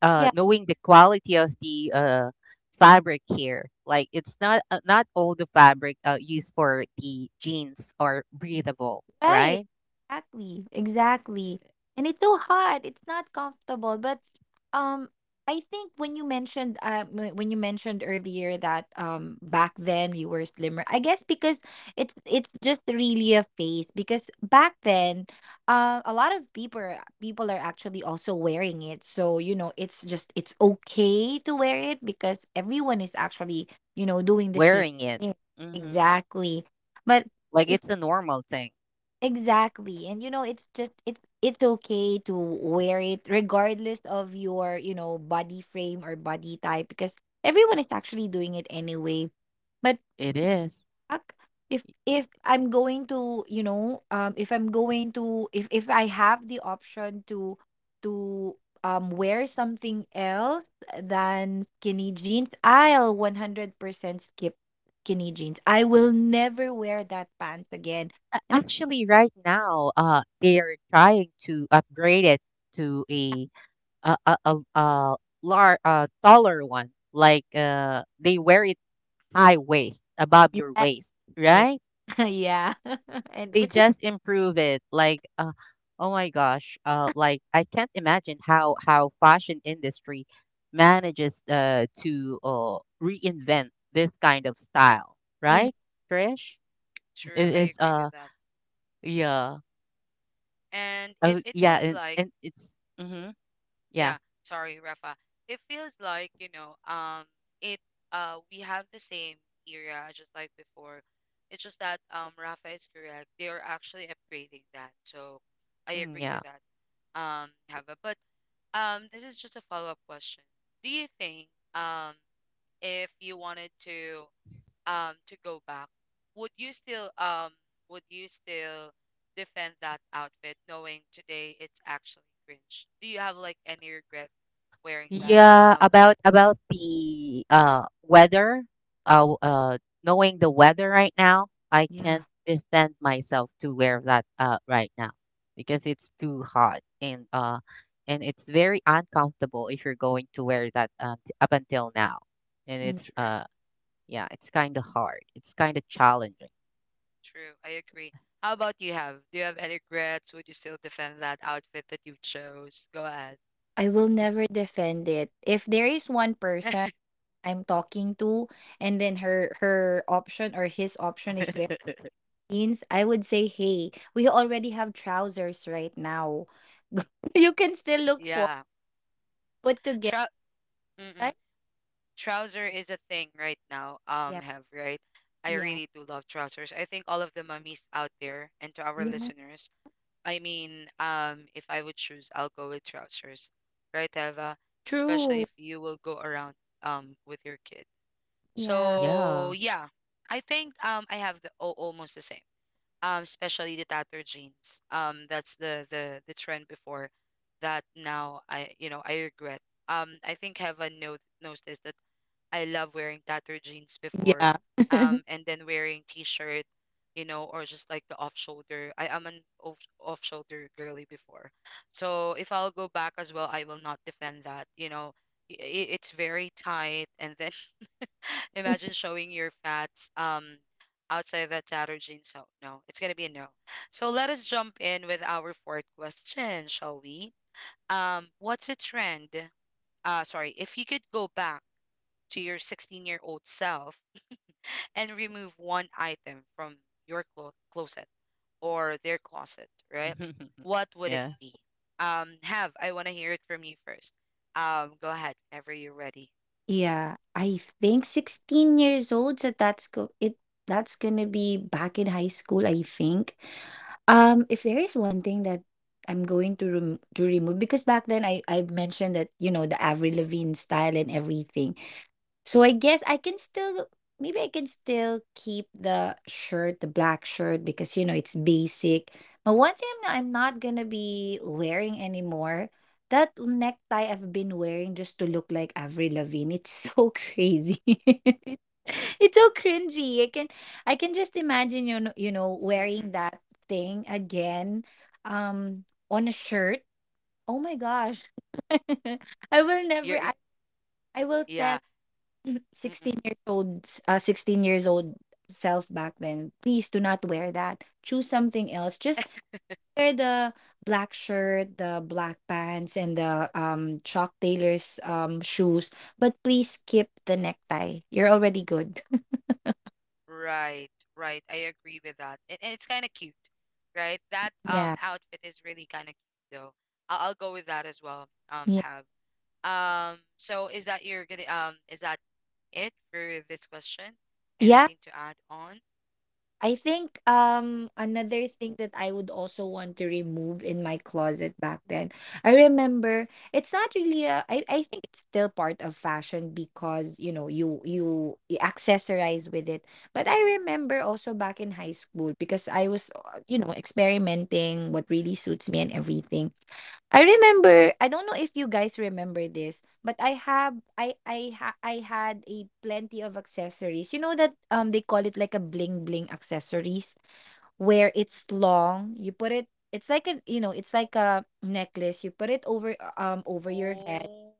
Speaker 3: yeah.
Speaker 2: knowing the quality of the fabric here. Like it's not not all the fabric used for the jeans are breathable,
Speaker 3: Right.
Speaker 2: right?
Speaker 3: Exactly. Exactly. And it's so hot. It's not comfortable. But um I think when you mentioned, when you mentioned earlier that back then you were slimmer, I guess because it's just really a phase, because back then, a lot of people are actually also wearing it, so, you know, it's just, it's okay to wear it, because everyone is actually, you know, doing the same
Speaker 2: Wearing it,
Speaker 3: thing.
Speaker 2: hmm,
Speaker 3: Exactly, but
Speaker 2: like it's a normal thing.
Speaker 3: exactly. And you know, it's just, it, it's okay to wear it regardless of your, you know, body frame or body type, because everyone is actually doing it anyway. But
Speaker 2: It is.
Speaker 3: fuck, if I'm going to, you know, if I have the option to wear something else than skinny jeans, I'll 100% skip skinny jeans. I will never wear that pants again.
Speaker 2: A-
Speaker 3: And
Speaker 2: actually right now, uh, they are trying to upgrade it to a taller one. Like, they wear it high waist above
Speaker 3: I'm
Speaker 2: your waist,
Speaker 3: like,
Speaker 2: right?
Speaker 3: yeah. And
Speaker 2: They
Speaker 3: which is,
Speaker 2: just improve it. Like, oh my gosh, like I can't imagine how fashion industry manages, to, reinvent this kind of style,
Speaker 3: ex-,
Speaker 2: right, Trish? It
Speaker 1: True, I
Speaker 2: is
Speaker 1: agree with that.
Speaker 2: yeah,
Speaker 1: And it it
Speaker 2: yeah,
Speaker 1: was
Speaker 2: and
Speaker 1: like,
Speaker 2: and it's mm-hmm, yeah,
Speaker 1: yeah, sorry, Rafa. It feels like, you know, it we have the same era just like before. It's just that Rafa is correct. They are actually upgrading that. So I
Speaker 2: mm,
Speaker 1: agree
Speaker 2: yeah.
Speaker 1: with that. Hava. But this is just a follow-up question. Do you think, um if you wanted to, to go back, would you still, would you still defend that outfit knowing today it's actually cringe? Do you have like any regret wearing that?
Speaker 2: Yeah, about the weather, knowing the weather right now, I
Speaker 3: yeah.
Speaker 2: can't defend myself to wear that right now because it's too hot and it's very uncomfortable if you're going to wear that, up until now. And
Speaker 3: Mm.
Speaker 2: it's
Speaker 1: True,
Speaker 2: yeah, it's kind of hard. It's kind of challenging.
Speaker 1: true. I agree. How about you, Have? Do you have any regrets? Would you still defend that outfit that you chose? Go ahead.
Speaker 3: I will never defend it. If there is one person
Speaker 1: Mm.
Speaker 3: I'm talking to and then her option or his option is wearing jeans, I would say, "Hey, we already have trousers right now. You can still look for
Speaker 1: Yeah.
Speaker 3: put together."
Speaker 1: Trou Mm-mm.
Speaker 3: Right?
Speaker 1: Trouser is a thing right now,
Speaker 3: Yeah.
Speaker 1: Have, right? I
Speaker 3: Yeah.
Speaker 1: really do love trousers. I think all of the mummies out there and to our
Speaker 3: Yeah.
Speaker 1: listeners, I mean, if I would choose, I'll go with trousers, right, Eva? Especially
Speaker 3: True.
Speaker 1: if you will go around with your kid.
Speaker 3: Yeah.
Speaker 1: So
Speaker 2: Yeah.
Speaker 1: yeah, I think I have the oh, almost the same. Especially the tattered jeans. That's the trend before that now I you know I regret. I think Heva knows this. I love wearing tattered jeans before.
Speaker 3: Yeah.
Speaker 1: And then wearing t-shirt, or just like the off-shoulder. I am an off-shoulder girly before. So if I'll go back as well, I will not defend that. You know, it's very tight. And then imagine showing your fats outside that tattered jeans. So no, it's gonna be a no. So let us jump in with our fourth question, shall we? What's a trend? Sorry, if you could go back to your 16-year-old self and remove one item from your closet or their closet, right? What would it
Speaker 2: Yeah.
Speaker 1: be? Have, I want to hear it from you first. Go ahead, whenever you're ready. Mhm.
Speaker 3: Yeah, I think 16 years old, so that's go it that's gonna be back in high school, I think. If there is one thing that I'm going to remove, because back then I mentioned that, you know, the Avril Lavigne style and everything. So I guess I can still, maybe I can still keep the shirt, the black shirt, because you know it's basic. But one thing that I'm not gonna be wearing anymore, that necktie I've been wearing just to look like Avril Lavigne. It's so crazy. It's so cringy. I can just imagine, you know, wearing
Speaker 1: Mm-mm.
Speaker 3: that thing again on a shirt. Oh my gosh. I will
Speaker 1: You're
Speaker 3: never
Speaker 1: y-
Speaker 3: I, I will tell
Speaker 1: yeah. Mm-mm,
Speaker 3: 16 years old, 16 years old self back then, please do not wear that. Choose something else. Just wear the black shirt, the black pants, and the chalk tailor's shoes, but please skip the necktie. You're already good.
Speaker 1: right, right. I agree with that, and it's kind of cute, right? That
Speaker 3: Yeah,
Speaker 1: outfit is really kind of cute though. I'll go with that as well. Um,
Speaker 3: yeah,
Speaker 1: have um. So is that your gonna? Is that it for this question.
Speaker 3: yeah.
Speaker 1: Anything to add on?
Speaker 3: I think another thing that I would also want to remove in my closet back then. I remember it's not really I think it's still part of fashion, because you know you accessorize with it. But I remember also back in high school, because I was you know, experimenting what really suits me and everything. I remember, I don't know if you guys remember this, but I have I ha, I had a plenty of accessories. You know that they call it like a bling bling accessories,
Speaker 1: Mm.
Speaker 3: where it's long. You put it, it's like a, you know, it's like a necklace. You put it over over your head.
Speaker 1: Oh,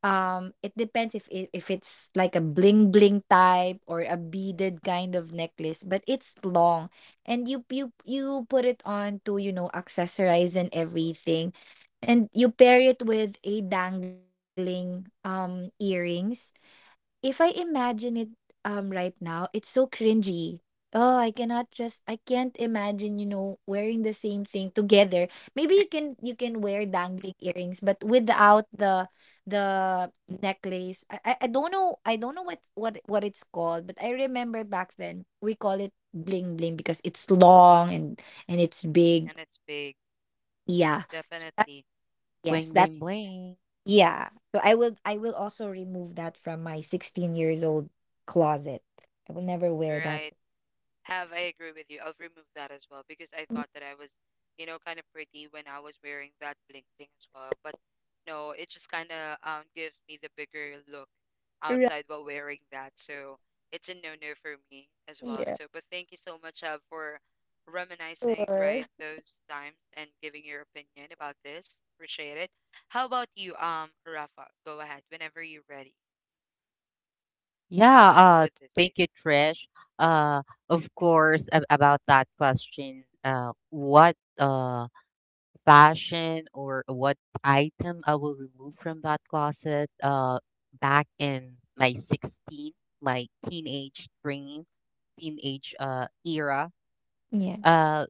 Speaker 3: It depends if it if it's like a bling bling type or a beaded kind of necklace, but it's long, and you put it on to, you know, accessorize and everything, and you pair it with a dangling earrings. If I imagine it right now, it's so cringy. Oh, I cannot just I can't imagine, you know, wearing the same thing together. Maybe you can wear dangling earrings, but without the necklace. I don't know, I don't know what it's called, but I remember back then we call it bling bling because it's long and it's big.
Speaker 1: and it's big.
Speaker 3: Yeah. That,
Speaker 1: Definitely.
Speaker 3: yes.
Speaker 2: Bling bling bling.
Speaker 3: Yeah. So I will also remove that from my 16 years old closet. I will never wear
Speaker 1: You're
Speaker 3: that.
Speaker 1: right. Have, I agree with you. I'll remove that as well because I
Speaker 3: Mm,
Speaker 1: thought that I was, kind of pretty when I was wearing that bling bling as well. But no, it just kind of gives me the bigger look
Speaker 3: Right.
Speaker 1: outside while wearing that. So it's a no-no for me as well.
Speaker 3: Yeah.
Speaker 1: So, but thank you so much, Have, for reminiscing,
Speaker 3: Sure.
Speaker 1: right, those times and giving your opinion about this. Appreciate it. How about you, Rafa? Go ahead whenever you're ready.
Speaker 2: Yeah,
Speaker 1: With this
Speaker 2: thank you, Trish. Uh, of course, about that question, what fashion or what item I will remove from that closet? Back in my 16, my teenage dream, teenage, uh, era.
Speaker 3: Yeah.
Speaker 2: Uh,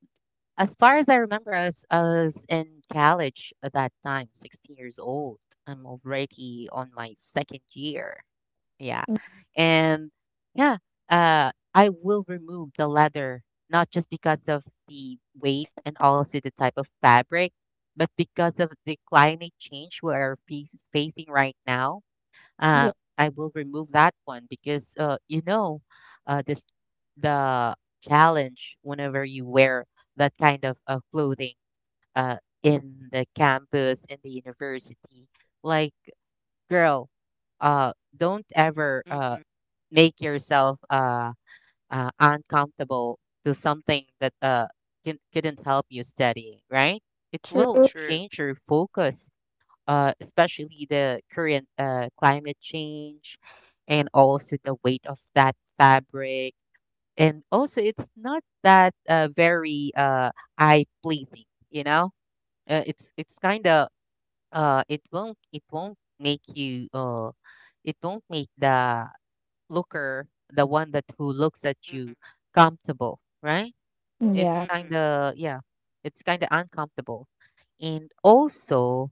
Speaker 2: as far as I remember, I was in college at that time, 16 years old. I'm already on my second year. Yeah.
Speaker 3: Mm,
Speaker 2: And yeah, I will remove the leather, not just because of the weight and also the type of fabric, but because of the climate change we are facing right now. Uh,
Speaker 3: Yeah.
Speaker 2: I will remove that one because, you know, this the challenge whenever you wear that kind of, clothing, uh, in the campus, in the university. Like, girl, don't ever.
Speaker 1: statement. Mm-mm.
Speaker 2: Make yourself uncomfortable to something that, couldn't help you study, right? It will
Speaker 3: True.
Speaker 1: True.
Speaker 2: change your focus, especially the current, climate change and also the weight of that fabric. And also, it's not that, very, eye pleasing, you know? It's kind of, it won't make you, it won't make the looker, the one that who looks at you
Speaker 1: Mm-mm.
Speaker 2: comfortable, right? It's
Speaker 3: Yeah.
Speaker 2: kind
Speaker 1: Mm-mm.
Speaker 2: of yeah, it's kind of uncomfortable. And also,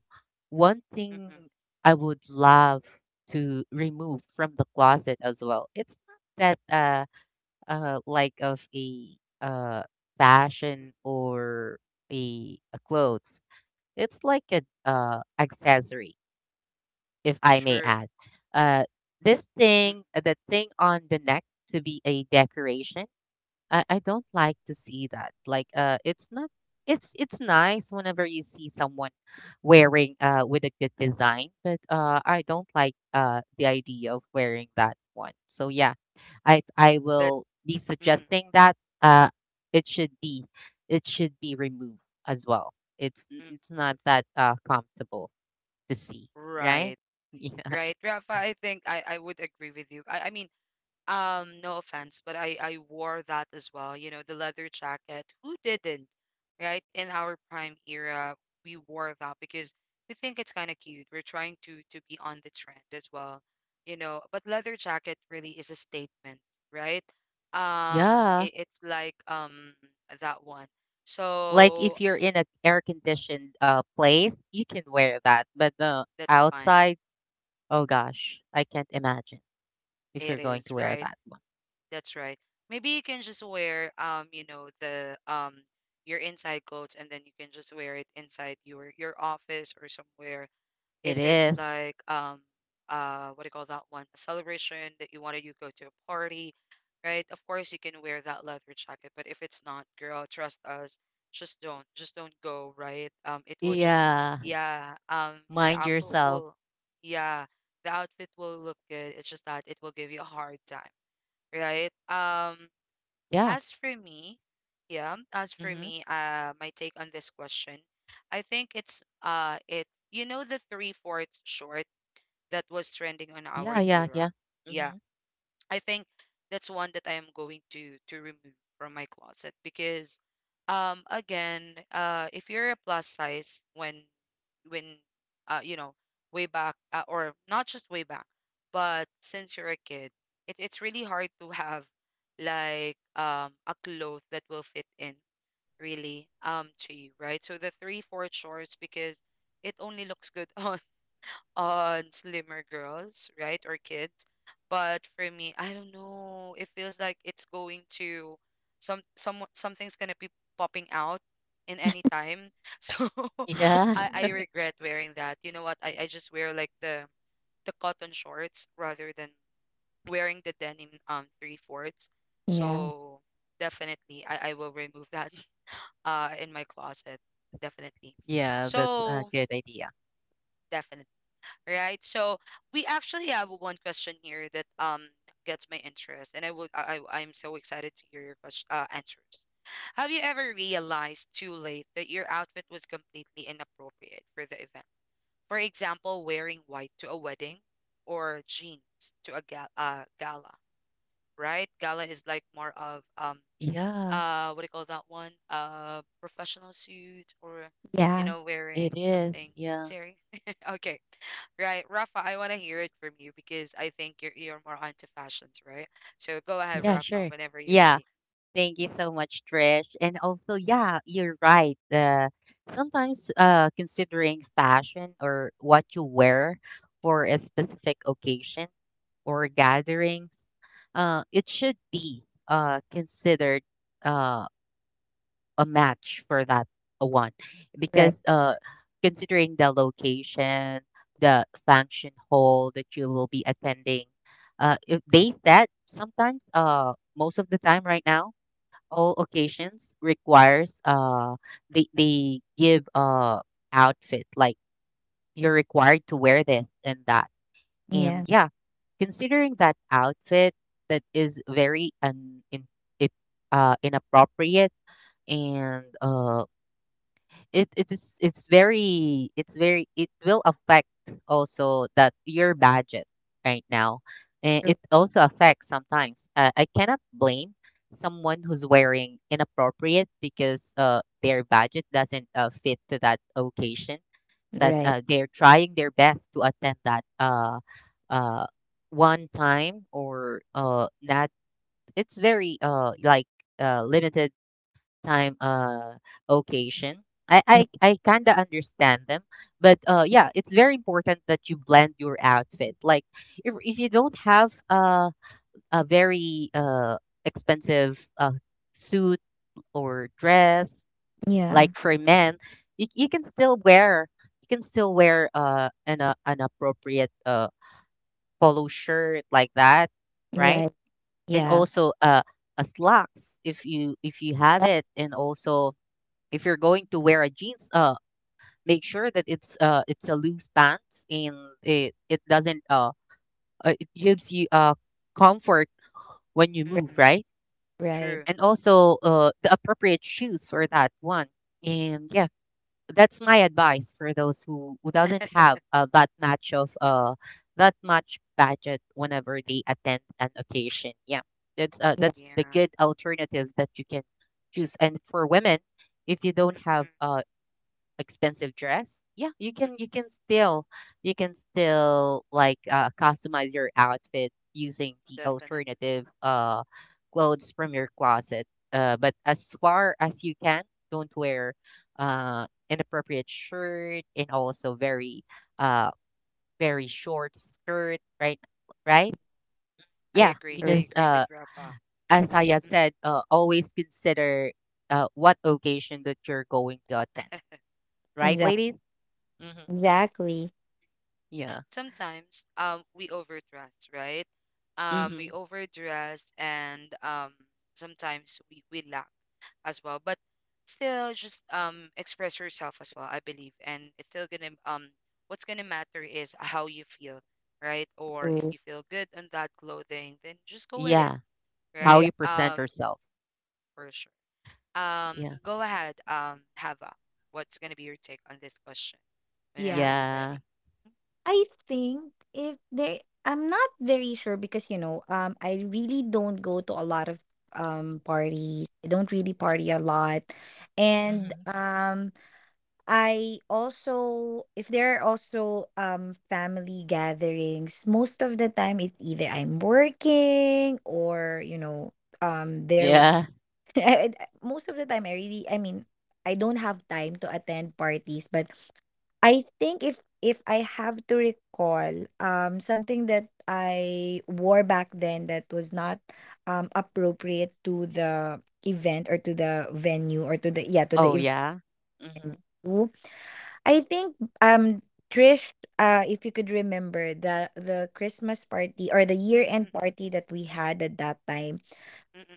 Speaker 2: one thing
Speaker 1: Mm-mm.
Speaker 2: I would love to remove from the closet as well. It's not that like of a uh fashion or a clothes. It's like a, uh, accessory, if I may
Speaker 1: True.
Speaker 2: add. Uh, this
Speaker 1: Mm,
Speaker 2: thing, the thing on the neck to be a decoration, I don't like to see that. Like it's not, it's it's nice whenever you see someone wearing, uh, with a good design, but, uh, I don't like, uh, the idea of wearing that one. So yeah, I
Speaker 1: that
Speaker 2: will be
Speaker 1: mm,
Speaker 2: suggesting that uh it should be, it should be removed as well.
Speaker 1: mm,
Speaker 2: It's not that, uh, comfortable to see, right?
Speaker 1: right.
Speaker 2: Yeah.
Speaker 1: Right. Rafa, I think I would agree with you. I mean, no offense, but I wore that as well, you know, the leather jacket. Who didn't? Right? In our prime era, we wore that because we think it's kind of cute. We're trying to be on the trend as well, you know, but leather jacket really is a statement, right? Um
Speaker 2: Yeah.
Speaker 1: it, it's like that one.
Speaker 2: Like
Speaker 1: So
Speaker 2: if you're in an air conditioned, place, you can wear that. But the
Speaker 1: that's fine.
Speaker 2: outside, oh gosh, I can't imagine if
Speaker 1: It
Speaker 2: you're going to
Speaker 1: is,
Speaker 2: wear
Speaker 1: right?
Speaker 2: that one.
Speaker 1: That's right. Maybe you can just wear your inside clothes and then you can just wear it inside your office or somewhere.
Speaker 2: It
Speaker 1: If it's
Speaker 2: is.
Speaker 1: like what do you call that one? A celebration that you wanted you go to a party, right? Of course you can wear that leather jacket, but if it's not, girl, trust us, just don't. Just don't go, right? It will just,
Speaker 2: Yeah.
Speaker 1: yeah, the
Speaker 2: Mind
Speaker 1: outfit
Speaker 2: yourself.
Speaker 1: will, yeah, the outfit will look good. It's just that it will give you a hard time, right?
Speaker 2: Yeah.
Speaker 1: As for me, yeah, as for
Speaker 2: Mm-hmm.
Speaker 1: me, my take on this question, I think it's the three fourths short that was trending on our
Speaker 2: Yeah, yeah, yeah.
Speaker 1: era. Yeah,
Speaker 2: Mm-hmm.
Speaker 1: I think that's one that I am going to remove from my closet because, again, if you're a plus size when, when uh you know way back, or not just way back but since you're a kid, it's really hard to have like a cloth that will fit in really, to you, right? So the three fourth shorts because it only looks good on slimmer girls, right, or kids. But for me, I don't know. It feels like it's going to something's gonna be popping out in any time. So
Speaker 2: Yeah.
Speaker 1: I regret wearing that. You know what? I just wear like the cotton shorts rather than wearing the denim three fourths.
Speaker 3: Yeah.
Speaker 1: So definitely, I will remove that in my closet. Definitely.
Speaker 2: Yeah, that's a
Speaker 1: So
Speaker 2: good idea.
Speaker 1: definitely, right? So we actually have one question here that gets my interest, and I would I- I'm so excited to hear your question, answers. Have you ever realized too late that your outfit was completely inappropriate for the event? For example, wearing white to a wedding or jeans to a gala, right? Gala is like more of
Speaker 2: Yeah,
Speaker 1: what do you call that one? Professional suit or
Speaker 3: Yeah.
Speaker 1: wearing
Speaker 2: it
Speaker 1: something
Speaker 2: is. Yeah.
Speaker 1: serious. Okay. Right, Rafa, I want to hear it from you because I think you're more onto fashions, right? So go ahead,
Speaker 2: Yeah,
Speaker 1: Rafa,
Speaker 2: sure.
Speaker 1: whenever you're
Speaker 2: Yeah.
Speaker 1: ready.
Speaker 2: Thank you so much, Trish. And also, yeah, you're right. Sometimes considering fashion or what you wear for a specific occasion or gatherings, it should be considered uh, a match for that one.
Speaker 3: Right.
Speaker 2: Because considering the location, the function hall that you will be attending, if they said sometimes, most of the time right now, all occasions requires uh, they give uh, outfit like you're required to wear this and that, and
Speaker 3: Yeah.
Speaker 2: yeah, considering that outfit that is very un in, if, uh, inappropriate and uh, it's very it will affect also that your budget right now, and
Speaker 3: True.
Speaker 2: it also affects sometimes, I cannot blame someone who's wearing inappropriate because their budget doesn't fit to that occasion, but
Speaker 3: Right.
Speaker 2: they're trying their best to attend that uh, one time or that it's very like limited time occasion. I
Speaker 3: Mm,
Speaker 2: I, I kind of understand them, but yeah, it's very important that you blend your outfit. Like if you don't have a very expensive suit or dress,
Speaker 3: Yeah.
Speaker 2: like for men, you you can still wear you can still wear uh, an appropriate polo shirt like that, right?
Speaker 3: Right.
Speaker 2: And
Speaker 3: Yeah.
Speaker 2: also a slacks if you have
Speaker 3: Right.
Speaker 2: it, and also if you're going to wear a jeans, make sure that it's a loose pants, and it doesn't it gives you comfort when you
Speaker 3: Right,
Speaker 2: move,
Speaker 1: Mm-mm,
Speaker 2: right?
Speaker 3: right.
Speaker 1: true.
Speaker 2: And also the appropriate shoes for that one. And yeah, that's my advice for those who doesn't have that much of
Speaker 1: Mm,
Speaker 2: that much budget whenever they attend an occasion. Yeah,
Speaker 3: Yeah.
Speaker 2: that's the
Speaker 1: yeah.
Speaker 2: good alternative that you can choose. And for women, if you don't have
Speaker 1: Mm-mm,
Speaker 2: expensive dress, yeah,
Speaker 1: mm
Speaker 2: you can still like customize your outfit using the
Speaker 1: definitely.
Speaker 2: alternative clothes from your closet, but as far as you can, don't wear inappropriate shirt, and also very uh very short skirt, right? Right.
Speaker 1: I
Speaker 2: Yeah,
Speaker 3: Correct.
Speaker 1: agree. I
Speaker 2: because
Speaker 1: agree with Rafa.
Speaker 2: as I have
Speaker 1: Mm-mm.
Speaker 2: said, always consider what occasion that you're going to attend, right,
Speaker 3: Exactly.
Speaker 2: ladies? Hmm.
Speaker 3: Exactly.
Speaker 2: Yeah.
Speaker 1: Sometimes, we overdress, right? We
Speaker 2: Mhm.
Speaker 1: overdress, and sometimes we lack as well. But still, just express yourself as well. I believe, and it's still gonna, what's gonna matter is how you feel, right? Or if
Speaker 3: True.
Speaker 1: you feel good in that clothing, then just go with it,
Speaker 2: Yeah. How
Speaker 1: right?
Speaker 2: you
Speaker 3: Exactly.
Speaker 2: present yourself.
Speaker 1: For sure.
Speaker 2: Yeah.
Speaker 1: Go ahead. Hava, what's gonna be your take on this question? Whenever
Speaker 3: Yeah.
Speaker 1: you're
Speaker 2: Yeah.
Speaker 1: ready.
Speaker 3: I think if there, I'm not very sure because, you know, I really don't go to a lot of parties. I don't really party a lot, and
Speaker 2: Mhm.
Speaker 3: I also, if there are also family gatherings, most of the time it's either I'm working or you know um there. w-
Speaker 2: Yeah.
Speaker 3: most of the time, I really, I mean, I don't have time to attend parties. But I think, if I have to recall something that I wore back then that was not appropriate to the event or to the venue or to the yeah to the
Speaker 2: Oh,
Speaker 3: event.
Speaker 2: yeah? Mhm.
Speaker 3: I think, Trish, if you could remember the Christmas party or the year end
Speaker 1: Mm-mm-mm-mm.
Speaker 3: party that we had at that time,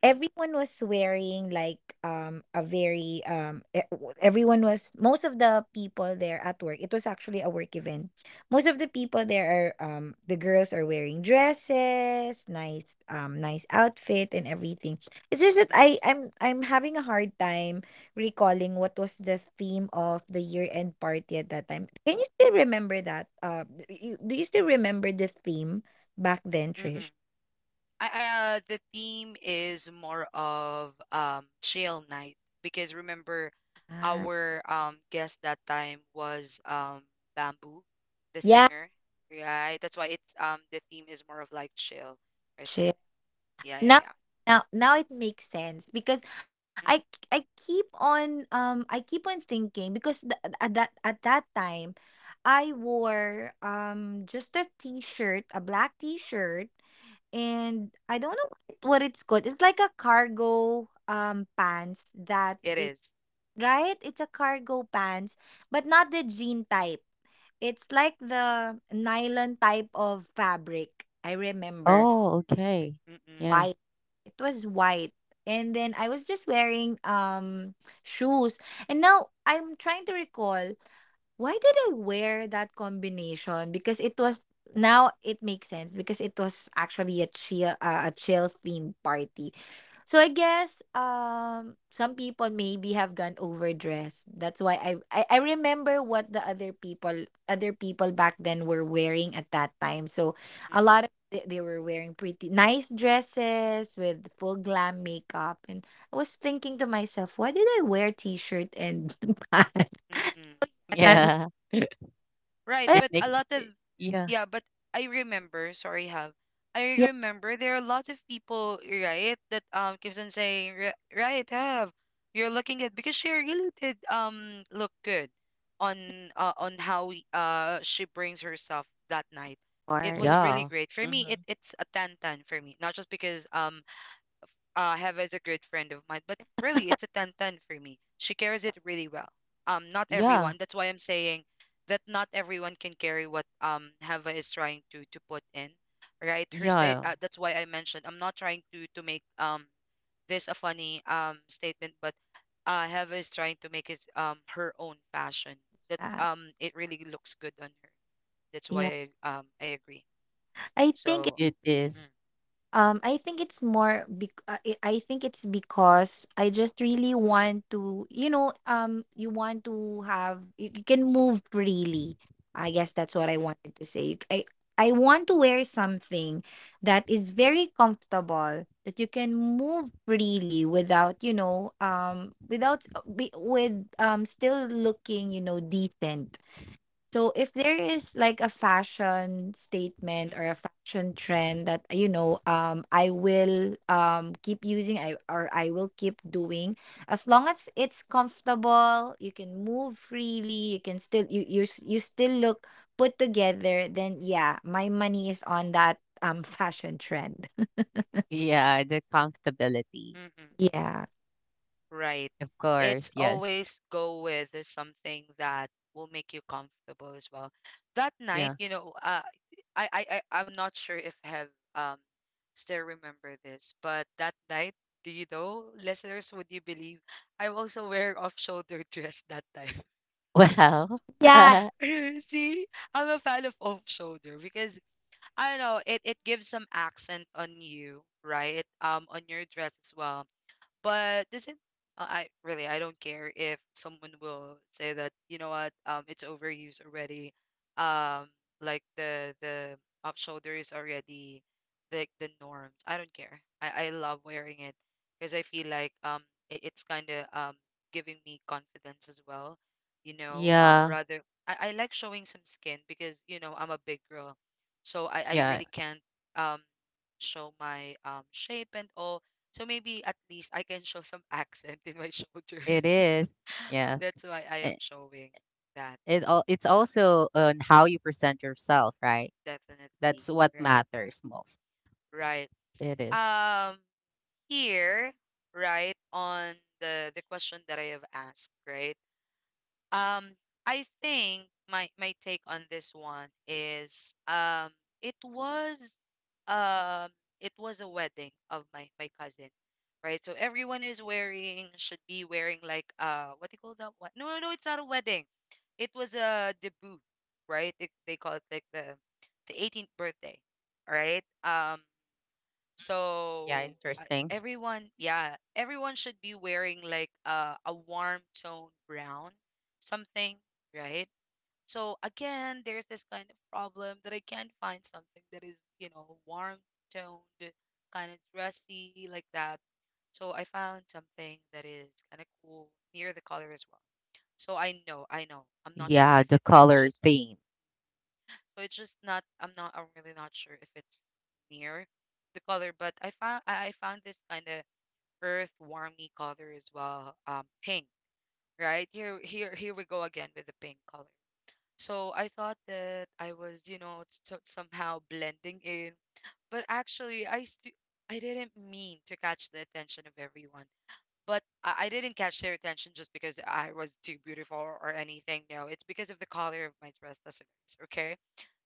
Speaker 3: everyone was wearing like a very e- w- everyone was, most of the people there at work, it was actually a work event, most of the people there are, the girls are wearing dresses, nice nice outfit and everything. It's just that
Speaker 1: Mm-mm-mm-mm.
Speaker 3: I'm having a hard time recalling what was the theme of the year end party at that time. Can you still remember that? Do you, do you still remember the theme back then, Trish?
Speaker 1: The theme is more of chill night because remember
Speaker 3: Ah,
Speaker 1: our guest that time was Bamboo, the singer, right? That's why it's the theme is more of like chill or something.
Speaker 3: yeah.
Speaker 1: Yeah, yeah,
Speaker 3: Now,
Speaker 1: yeah.
Speaker 3: now now it makes sense, because I
Speaker 1: Mm-mm.
Speaker 3: I keep on thinking, because at that time I wore just a t-shirt, a black t-shirt, and I don't know what what it's called. It's like a cargo pants that
Speaker 1: It
Speaker 3: it,
Speaker 1: is.
Speaker 3: right? It's a cargo pants, but not the jean type. It's like the nylon type of fabric. I remember
Speaker 2: Oh, okay.
Speaker 1: Mm-mm,
Speaker 2: Yeah.
Speaker 3: it was white, and then I was just wearing shoes. And now I'm trying to recall why did I wear that combination, because it was now it makes sense because it was actually a chill theme party. So I guess some people maybe have gone overdressed, that's why, I remember what the other people back then were wearing at that time. So a
Speaker 1: mm-mm,
Speaker 3: lot, they were wearing pretty nice dresses with full glam makeup, and I was thinking to myself, why did I wear t-shirt and pants?
Speaker 1: mm-mm.
Speaker 3: And that,
Speaker 2: Yeah.
Speaker 1: Right,
Speaker 2: It
Speaker 3: but
Speaker 1: but a
Speaker 2: makes
Speaker 1: lot of
Speaker 2: I yeah.
Speaker 1: yeah, but I remember, sorry, Have, I
Speaker 3: yeah, of
Speaker 1: remember there are a lot of people, right, that keeps on saying, Right, Have, you're looking at because she really did look good on how she brings herself that night. It
Speaker 3: course,
Speaker 1: was really
Speaker 2: Yeah.
Speaker 1: great for me. It
Speaker 2: Mhm.
Speaker 1: it's a ten ten for me, not just because Have as a great friend of mine. But really, it's a ten ten for me. She carries it really well. Not
Speaker 2: Yeah.
Speaker 1: everyone. That's why I'm saying that not everyone can carry what Hava is trying to put in, right? Her state.
Speaker 2: Yeah.
Speaker 1: That's why I mentioned I'm not trying to make this a funny statement, but Hava is trying to make his her own fashion that,
Speaker 3: yeah.
Speaker 1: it really looks good on her. That's
Speaker 3: Yeah,
Speaker 1: why I agree.
Speaker 3: I think,
Speaker 1: So.
Speaker 2: It is.
Speaker 1: Mm,
Speaker 3: It's more bec I think it's because I just
Speaker 1: mm,
Speaker 3: really want to, you know, you want to you can move freely. I guess that's
Speaker 1: mm,
Speaker 3: what I
Speaker 1: mm,
Speaker 3: wanted to say. You c- I want to wear something that is very comfortable, that you can move freely without, you know, without with still looking, you know, decent. So if there is like a fashion
Speaker 1: mm,
Speaker 3: statement or a fashion
Speaker 1: mm,
Speaker 3: trend that, you know, I will keep using, I will keep doing as long as it's comfortable, you can move freely, you can still, you still look put together, then yeah, my money is on that fashion trend.
Speaker 2: Yeah, the comfortability.
Speaker 1: mm, mm.
Speaker 3: Yeah.
Speaker 1: Right.
Speaker 2: Of
Speaker 1: It's
Speaker 2: course, yes.
Speaker 1: always go with something that will make you comfortable as well. That night,
Speaker 2: Yeah.
Speaker 1: I'm not sure if I have um still remember this, but that night, do you know, listeners, would you believe I'm also wearing off-shoulder dress that time?
Speaker 2: Well,
Speaker 3: Yeah.
Speaker 1: See, I'm a fan of off-shoulder because I don't know, it gives some accent on you, right? On your dress as well, but doesn't I really I don't care if someone will say that you know what it's overused already. um like the off shoulder is already like the norms. I don't care, I love wearing it because I feel like it's kind of giving me confidence as well,
Speaker 2: yeah.
Speaker 1: rather I like showing some skin because you know I'm a big girl, so I
Speaker 2: Yeah,
Speaker 1: really can't um show my shape and all. So maybe at least I can show some accent in my shoulders.
Speaker 2: it is. Yeah.
Speaker 1: That's why I am
Speaker 2: It
Speaker 1: showing that.
Speaker 2: it al it's also on how you present yourself, right?
Speaker 1: Definitely.
Speaker 2: That's what
Speaker 1: Right.
Speaker 2: matters most.
Speaker 1: Right.
Speaker 2: It is.
Speaker 1: Um Here, right, on the question that I have asked, right? Um, I think my take on this one is it was um it was a wedding of my cousin, right? So everyone is wearing, should be wearing like uh, what do you call that one? No, no, no, it's not a wedding. It was a debut, right? They call it like the 18th birthday, right?
Speaker 2: Yeah,
Speaker 1: So uh,
Speaker 2: interesting.
Speaker 1: everyone, yeah, everyone should be wearing like a warm tone brown something, right? So again, there's this kind of problem that I can't find something that is, you know, warm toned, kind of dressy like that. So I found something that is kind of cool near the color as well. So I know, I know. I'm not sure
Speaker 2: Yeah,
Speaker 1: if
Speaker 2: the
Speaker 1: it's
Speaker 2: color
Speaker 1: just,
Speaker 2: theme.
Speaker 1: so it's just not, I'm not, I'm really not sure if it's near the color, but I found this kind of earth warmy color as well, pink. Right here, here we go again with the pink color. So I thought that I was, you know, somehow blending in. But actually I I didn't mean to catch the attention of everyone. But I didn't catch their attention just because I was too beautiful or anything. No, it's because of the color of my dress, that's it. Okay,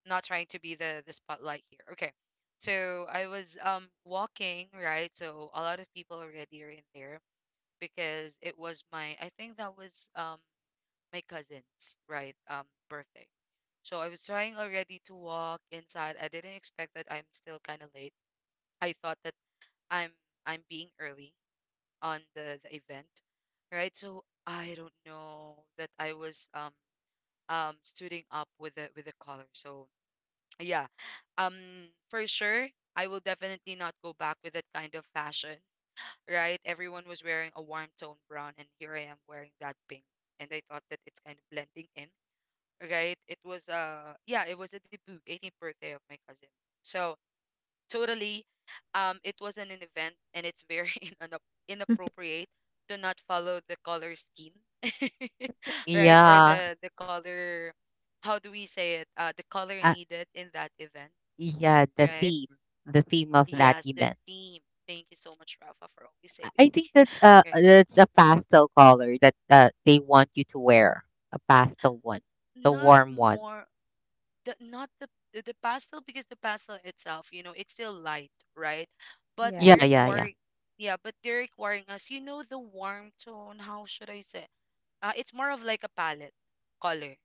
Speaker 1: not trying to be the spotlight here, okay. So I was walking, right? So a lot of people already are in there because it was my, I think that was my cousin's, right, birthday. So I was trying already to walk inside. I didn't expect that I'm still kind of late. I thought that I'm I'm being early on the event, right? So I don't know that I was suiting up with the color. So yeah, um for sure I will definitely not go back with that kind of fashion, right? Everyone was wearing a warm tone brown, and here I am wearing that pink. And I thought that it's kind of blending in, right? It was uh, yeah, it was a debut, 18th birthday of my cousin. So totally, it wasn't an event, and it's very inappropriate to not follow the color scheme, right? Or
Speaker 2: Yeah,
Speaker 1: the color, how do we say it? The color
Speaker 2: uh,
Speaker 1: needed in that event,
Speaker 2: yeah,
Speaker 1: right?
Speaker 2: the theme of that
Speaker 1: Yes, the
Speaker 2: event.
Speaker 1: theme. Thank you so much, Rafa, for always
Speaker 2: I
Speaker 1: saving.
Speaker 2: I think
Speaker 1: Right?
Speaker 2: that's a pastel color that they want you to wear. A pastel one, the
Speaker 1: Not
Speaker 2: warm one.
Speaker 1: more the, not the, the pastel, because the pastel itself, you know, it's still light, right? But they're
Speaker 3: Yeah.
Speaker 2: Yeah, yeah, yeah,
Speaker 1: requiring, yeah, but they're requiring us, you know, the warm tone, how should I say? It's more of like a palette color,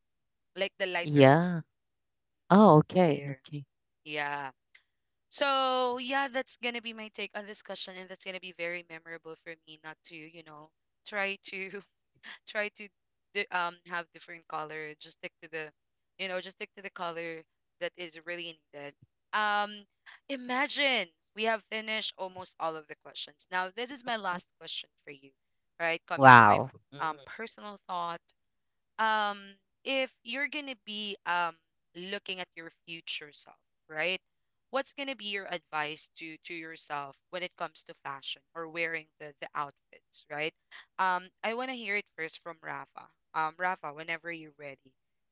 Speaker 1: like the lighter one
Speaker 2: yeah. Oh, okay,
Speaker 1: there.
Speaker 2: okay.
Speaker 1: Yeah. So yeah, that's gonna be my take on this question, and that's gonna be very memorable for me not to, you know, try to, try to have different color. Just stick to the, you know, just stick to the color that is really needed. um Imagine, we have finished almost all of the questions. Now this is my last question for you, right? Coming to my
Speaker 2: Wow. Mm-hmm.
Speaker 1: personal thought, um if you're gonna be looking at your future self, right, what's gonna be your advice to yourself when it comes to fashion or wearing the outfits, right? I want to hear it first from Rafa. Rafa, whenever you're ready,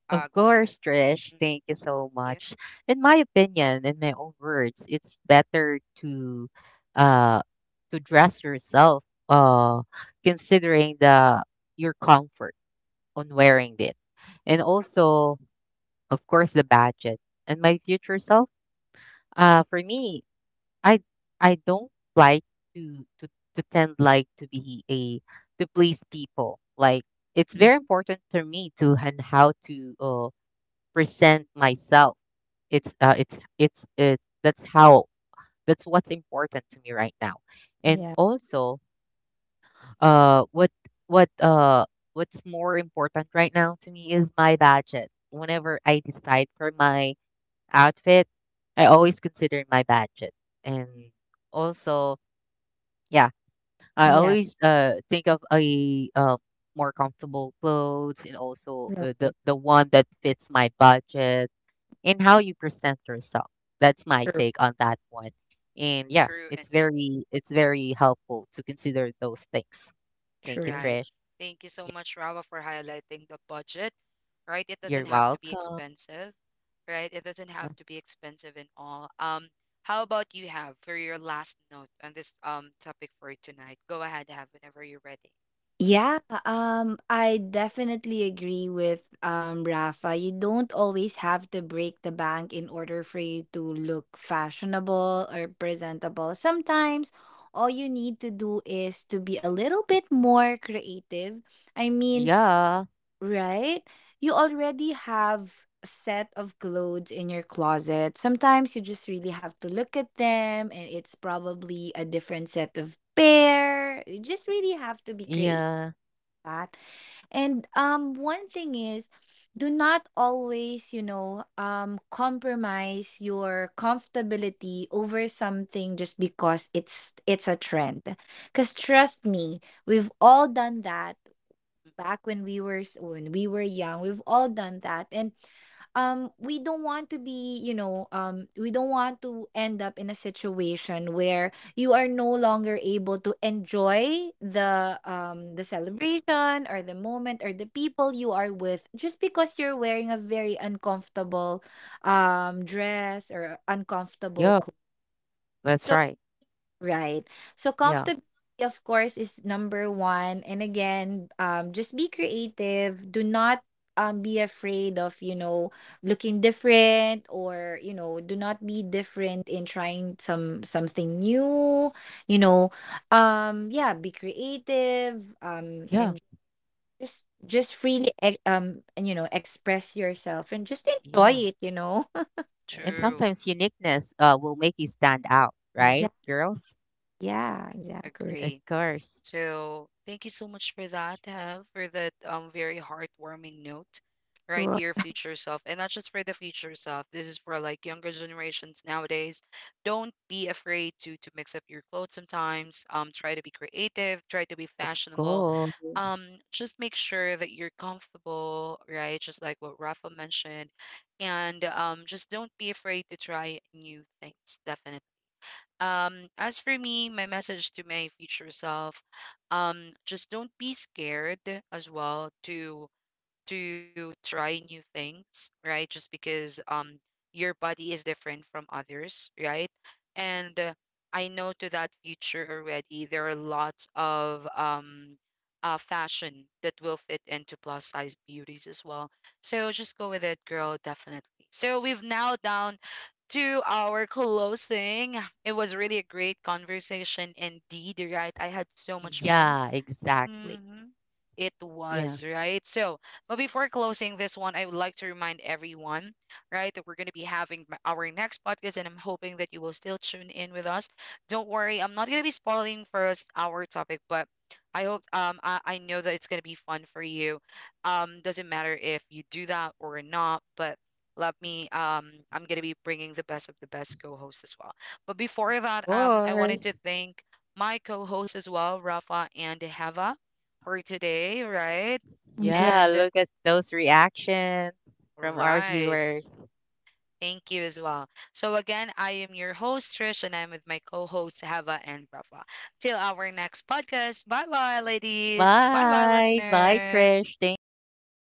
Speaker 1: uh,
Speaker 2: Of
Speaker 1: go ahead.
Speaker 2: course, Trish.
Speaker 1: Mhm.
Speaker 2: Thank you so
Speaker 1: Yeah.
Speaker 2: much. In my opinion, in my own words, it's better uh to dress yourself considering the your comfort on wearing it. And also, of course, the budget. And my future self, for me, I I don't like to tend like to be a to please people. Like it's
Speaker 3: Mm,
Speaker 2: very important for me to and how to present myself. It's it. That's how. That's what's important to me right now. And
Speaker 3: Yeah.
Speaker 2: also, what what uh what's more important right now to me is my budget. Whenever I decide for my outfit, I always consider my budget. And also, yeah, I
Speaker 3: Yeah.
Speaker 2: always think of a more comfortable clothes, and also the
Speaker 3: Right.
Speaker 2: one that fits my budget in how you present yourself. That's my
Speaker 3: True.
Speaker 2: take on that one. And yeah,
Speaker 1: True enough.
Speaker 2: it's very helpful to consider those things. Thank you,
Speaker 3: True.
Speaker 1: Right.
Speaker 2: Trish.
Speaker 1: Thank you so much, Rava, for highlighting the budget. Right. It
Speaker 2: You're
Speaker 1: doesn't have to be
Speaker 2: welcome.
Speaker 1: expensive. Right. It doesn't have to be expensive and all. How about you, Have, for your last note on this topic for tonight? Go ahead, Have, whenever you're ready. Mhm.
Speaker 3: Yeah, I definitely agree with Rafa. You don't always have to break the bank in order for you to look fashionable or presentable. Sometimes all you need to do is to be a little bit more creative. I mean,
Speaker 2: Yeah.
Speaker 3: right? You already have a set of clothes in your closet. Sometimes you just really have to look at them, and it's probably a different set of pair. You just really have to be creative
Speaker 2: Yeah.
Speaker 3: that. And one thing is, do not always, you know, compromise your comfortability over something just because it's a trend. Cuz trust me, we've all done that back when we were when we were young, we've all done that. And we don't want to be, you know, we don't want to end up in a situation where you are no longer able to enjoy the celebration or the moment or the people you are with, just because you're wearing a very uncomfortable dress or uncomfortable
Speaker 2: Yeah.
Speaker 3: clothes.
Speaker 2: That's right.
Speaker 3: Right. So
Speaker 2: Yeah.
Speaker 3: comfortability, of course, is number one. And again, just be creative. Do not be afraid of, you know, looking different, or, you know, do not be different in trying something new, you know. Yeah, be creative,
Speaker 2: Yeah.
Speaker 3: and just freely and, you know, express yourself and just enjoy
Speaker 2: Yeah.
Speaker 3: it, you know.
Speaker 2: And
Speaker 1: True.
Speaker 2: sometimes uniqueness will make you stand out, right,
Speaker 3: Exactly.
Speaker 2: girls?
Speaker 3: Yeah, exactly.
Speaker 2: Of
Speaker 1: Agree.
Speaker 2: course.
Speaker 1: So thank you so much for that, Have, for that very heartwarming note, right? Your
Speaker 3: Sure.
Speaker 1: future self, and not just for the future self. This is for like younger generations nowadays. Don't be afraid to mix up your clothes sometimes. Try to be creative. Try to be
Speaker 2: Of
Speaker 1: fashionable.
Speaker 2: course.
Speaker 1: Just make sure that you're comfortable, right? Just like what Rafa mentioned, and just don't be afraid to try new things. Definitely. As for me, my message to my future self, just don't be scared as well to try new things, right? Just because your body is different from others, right? And I know to that future already there are lots of fashion that will fit into plus size beauties as well. So just go with it, girl, definitely. So we've now down to our closing. It was really a great conversation indeed, right? I had so much fun.
Speaker 2: Yeah, exactly.
Speaker 1: Mm-hmm. It
Speaker 2: Yeah.
Speaker 1: was, right? So, but before closing this one, I would like to remind everyone, right, that we're going to be having our next podcast, and I'm hoping that you will still tune in with us. Don't worry, I'm not going to be spoiling for us our topic, but I hope, I know that it's going to be fun for you. Doesn't matter if you do that or not, but let me, I'm going to be bringing the best of the best co-hosts as well. But before that,
Speaker 2: Of
Speaker 1: I wanted to
Speaker 2: course.
Speaker 1: thank my co-hosts as well, Rafa and Hava, for today, right?
Speaker 2: Yeah,
Speaker 1: And
Speaker 2: look at those reactions from our
Speaker 1: right.
Speaker 2: viewers.
Speaker 1: Thank you as well. So again, I am your host, Trish, and I'm with my co-hosts Hava and Rafa. Till our next podcast. Bye bye, ladies. Bye bye,
Speaker 2: Bye. Bye,
Speaker 1: listeners.
Speaker 2: Trish. Thank you.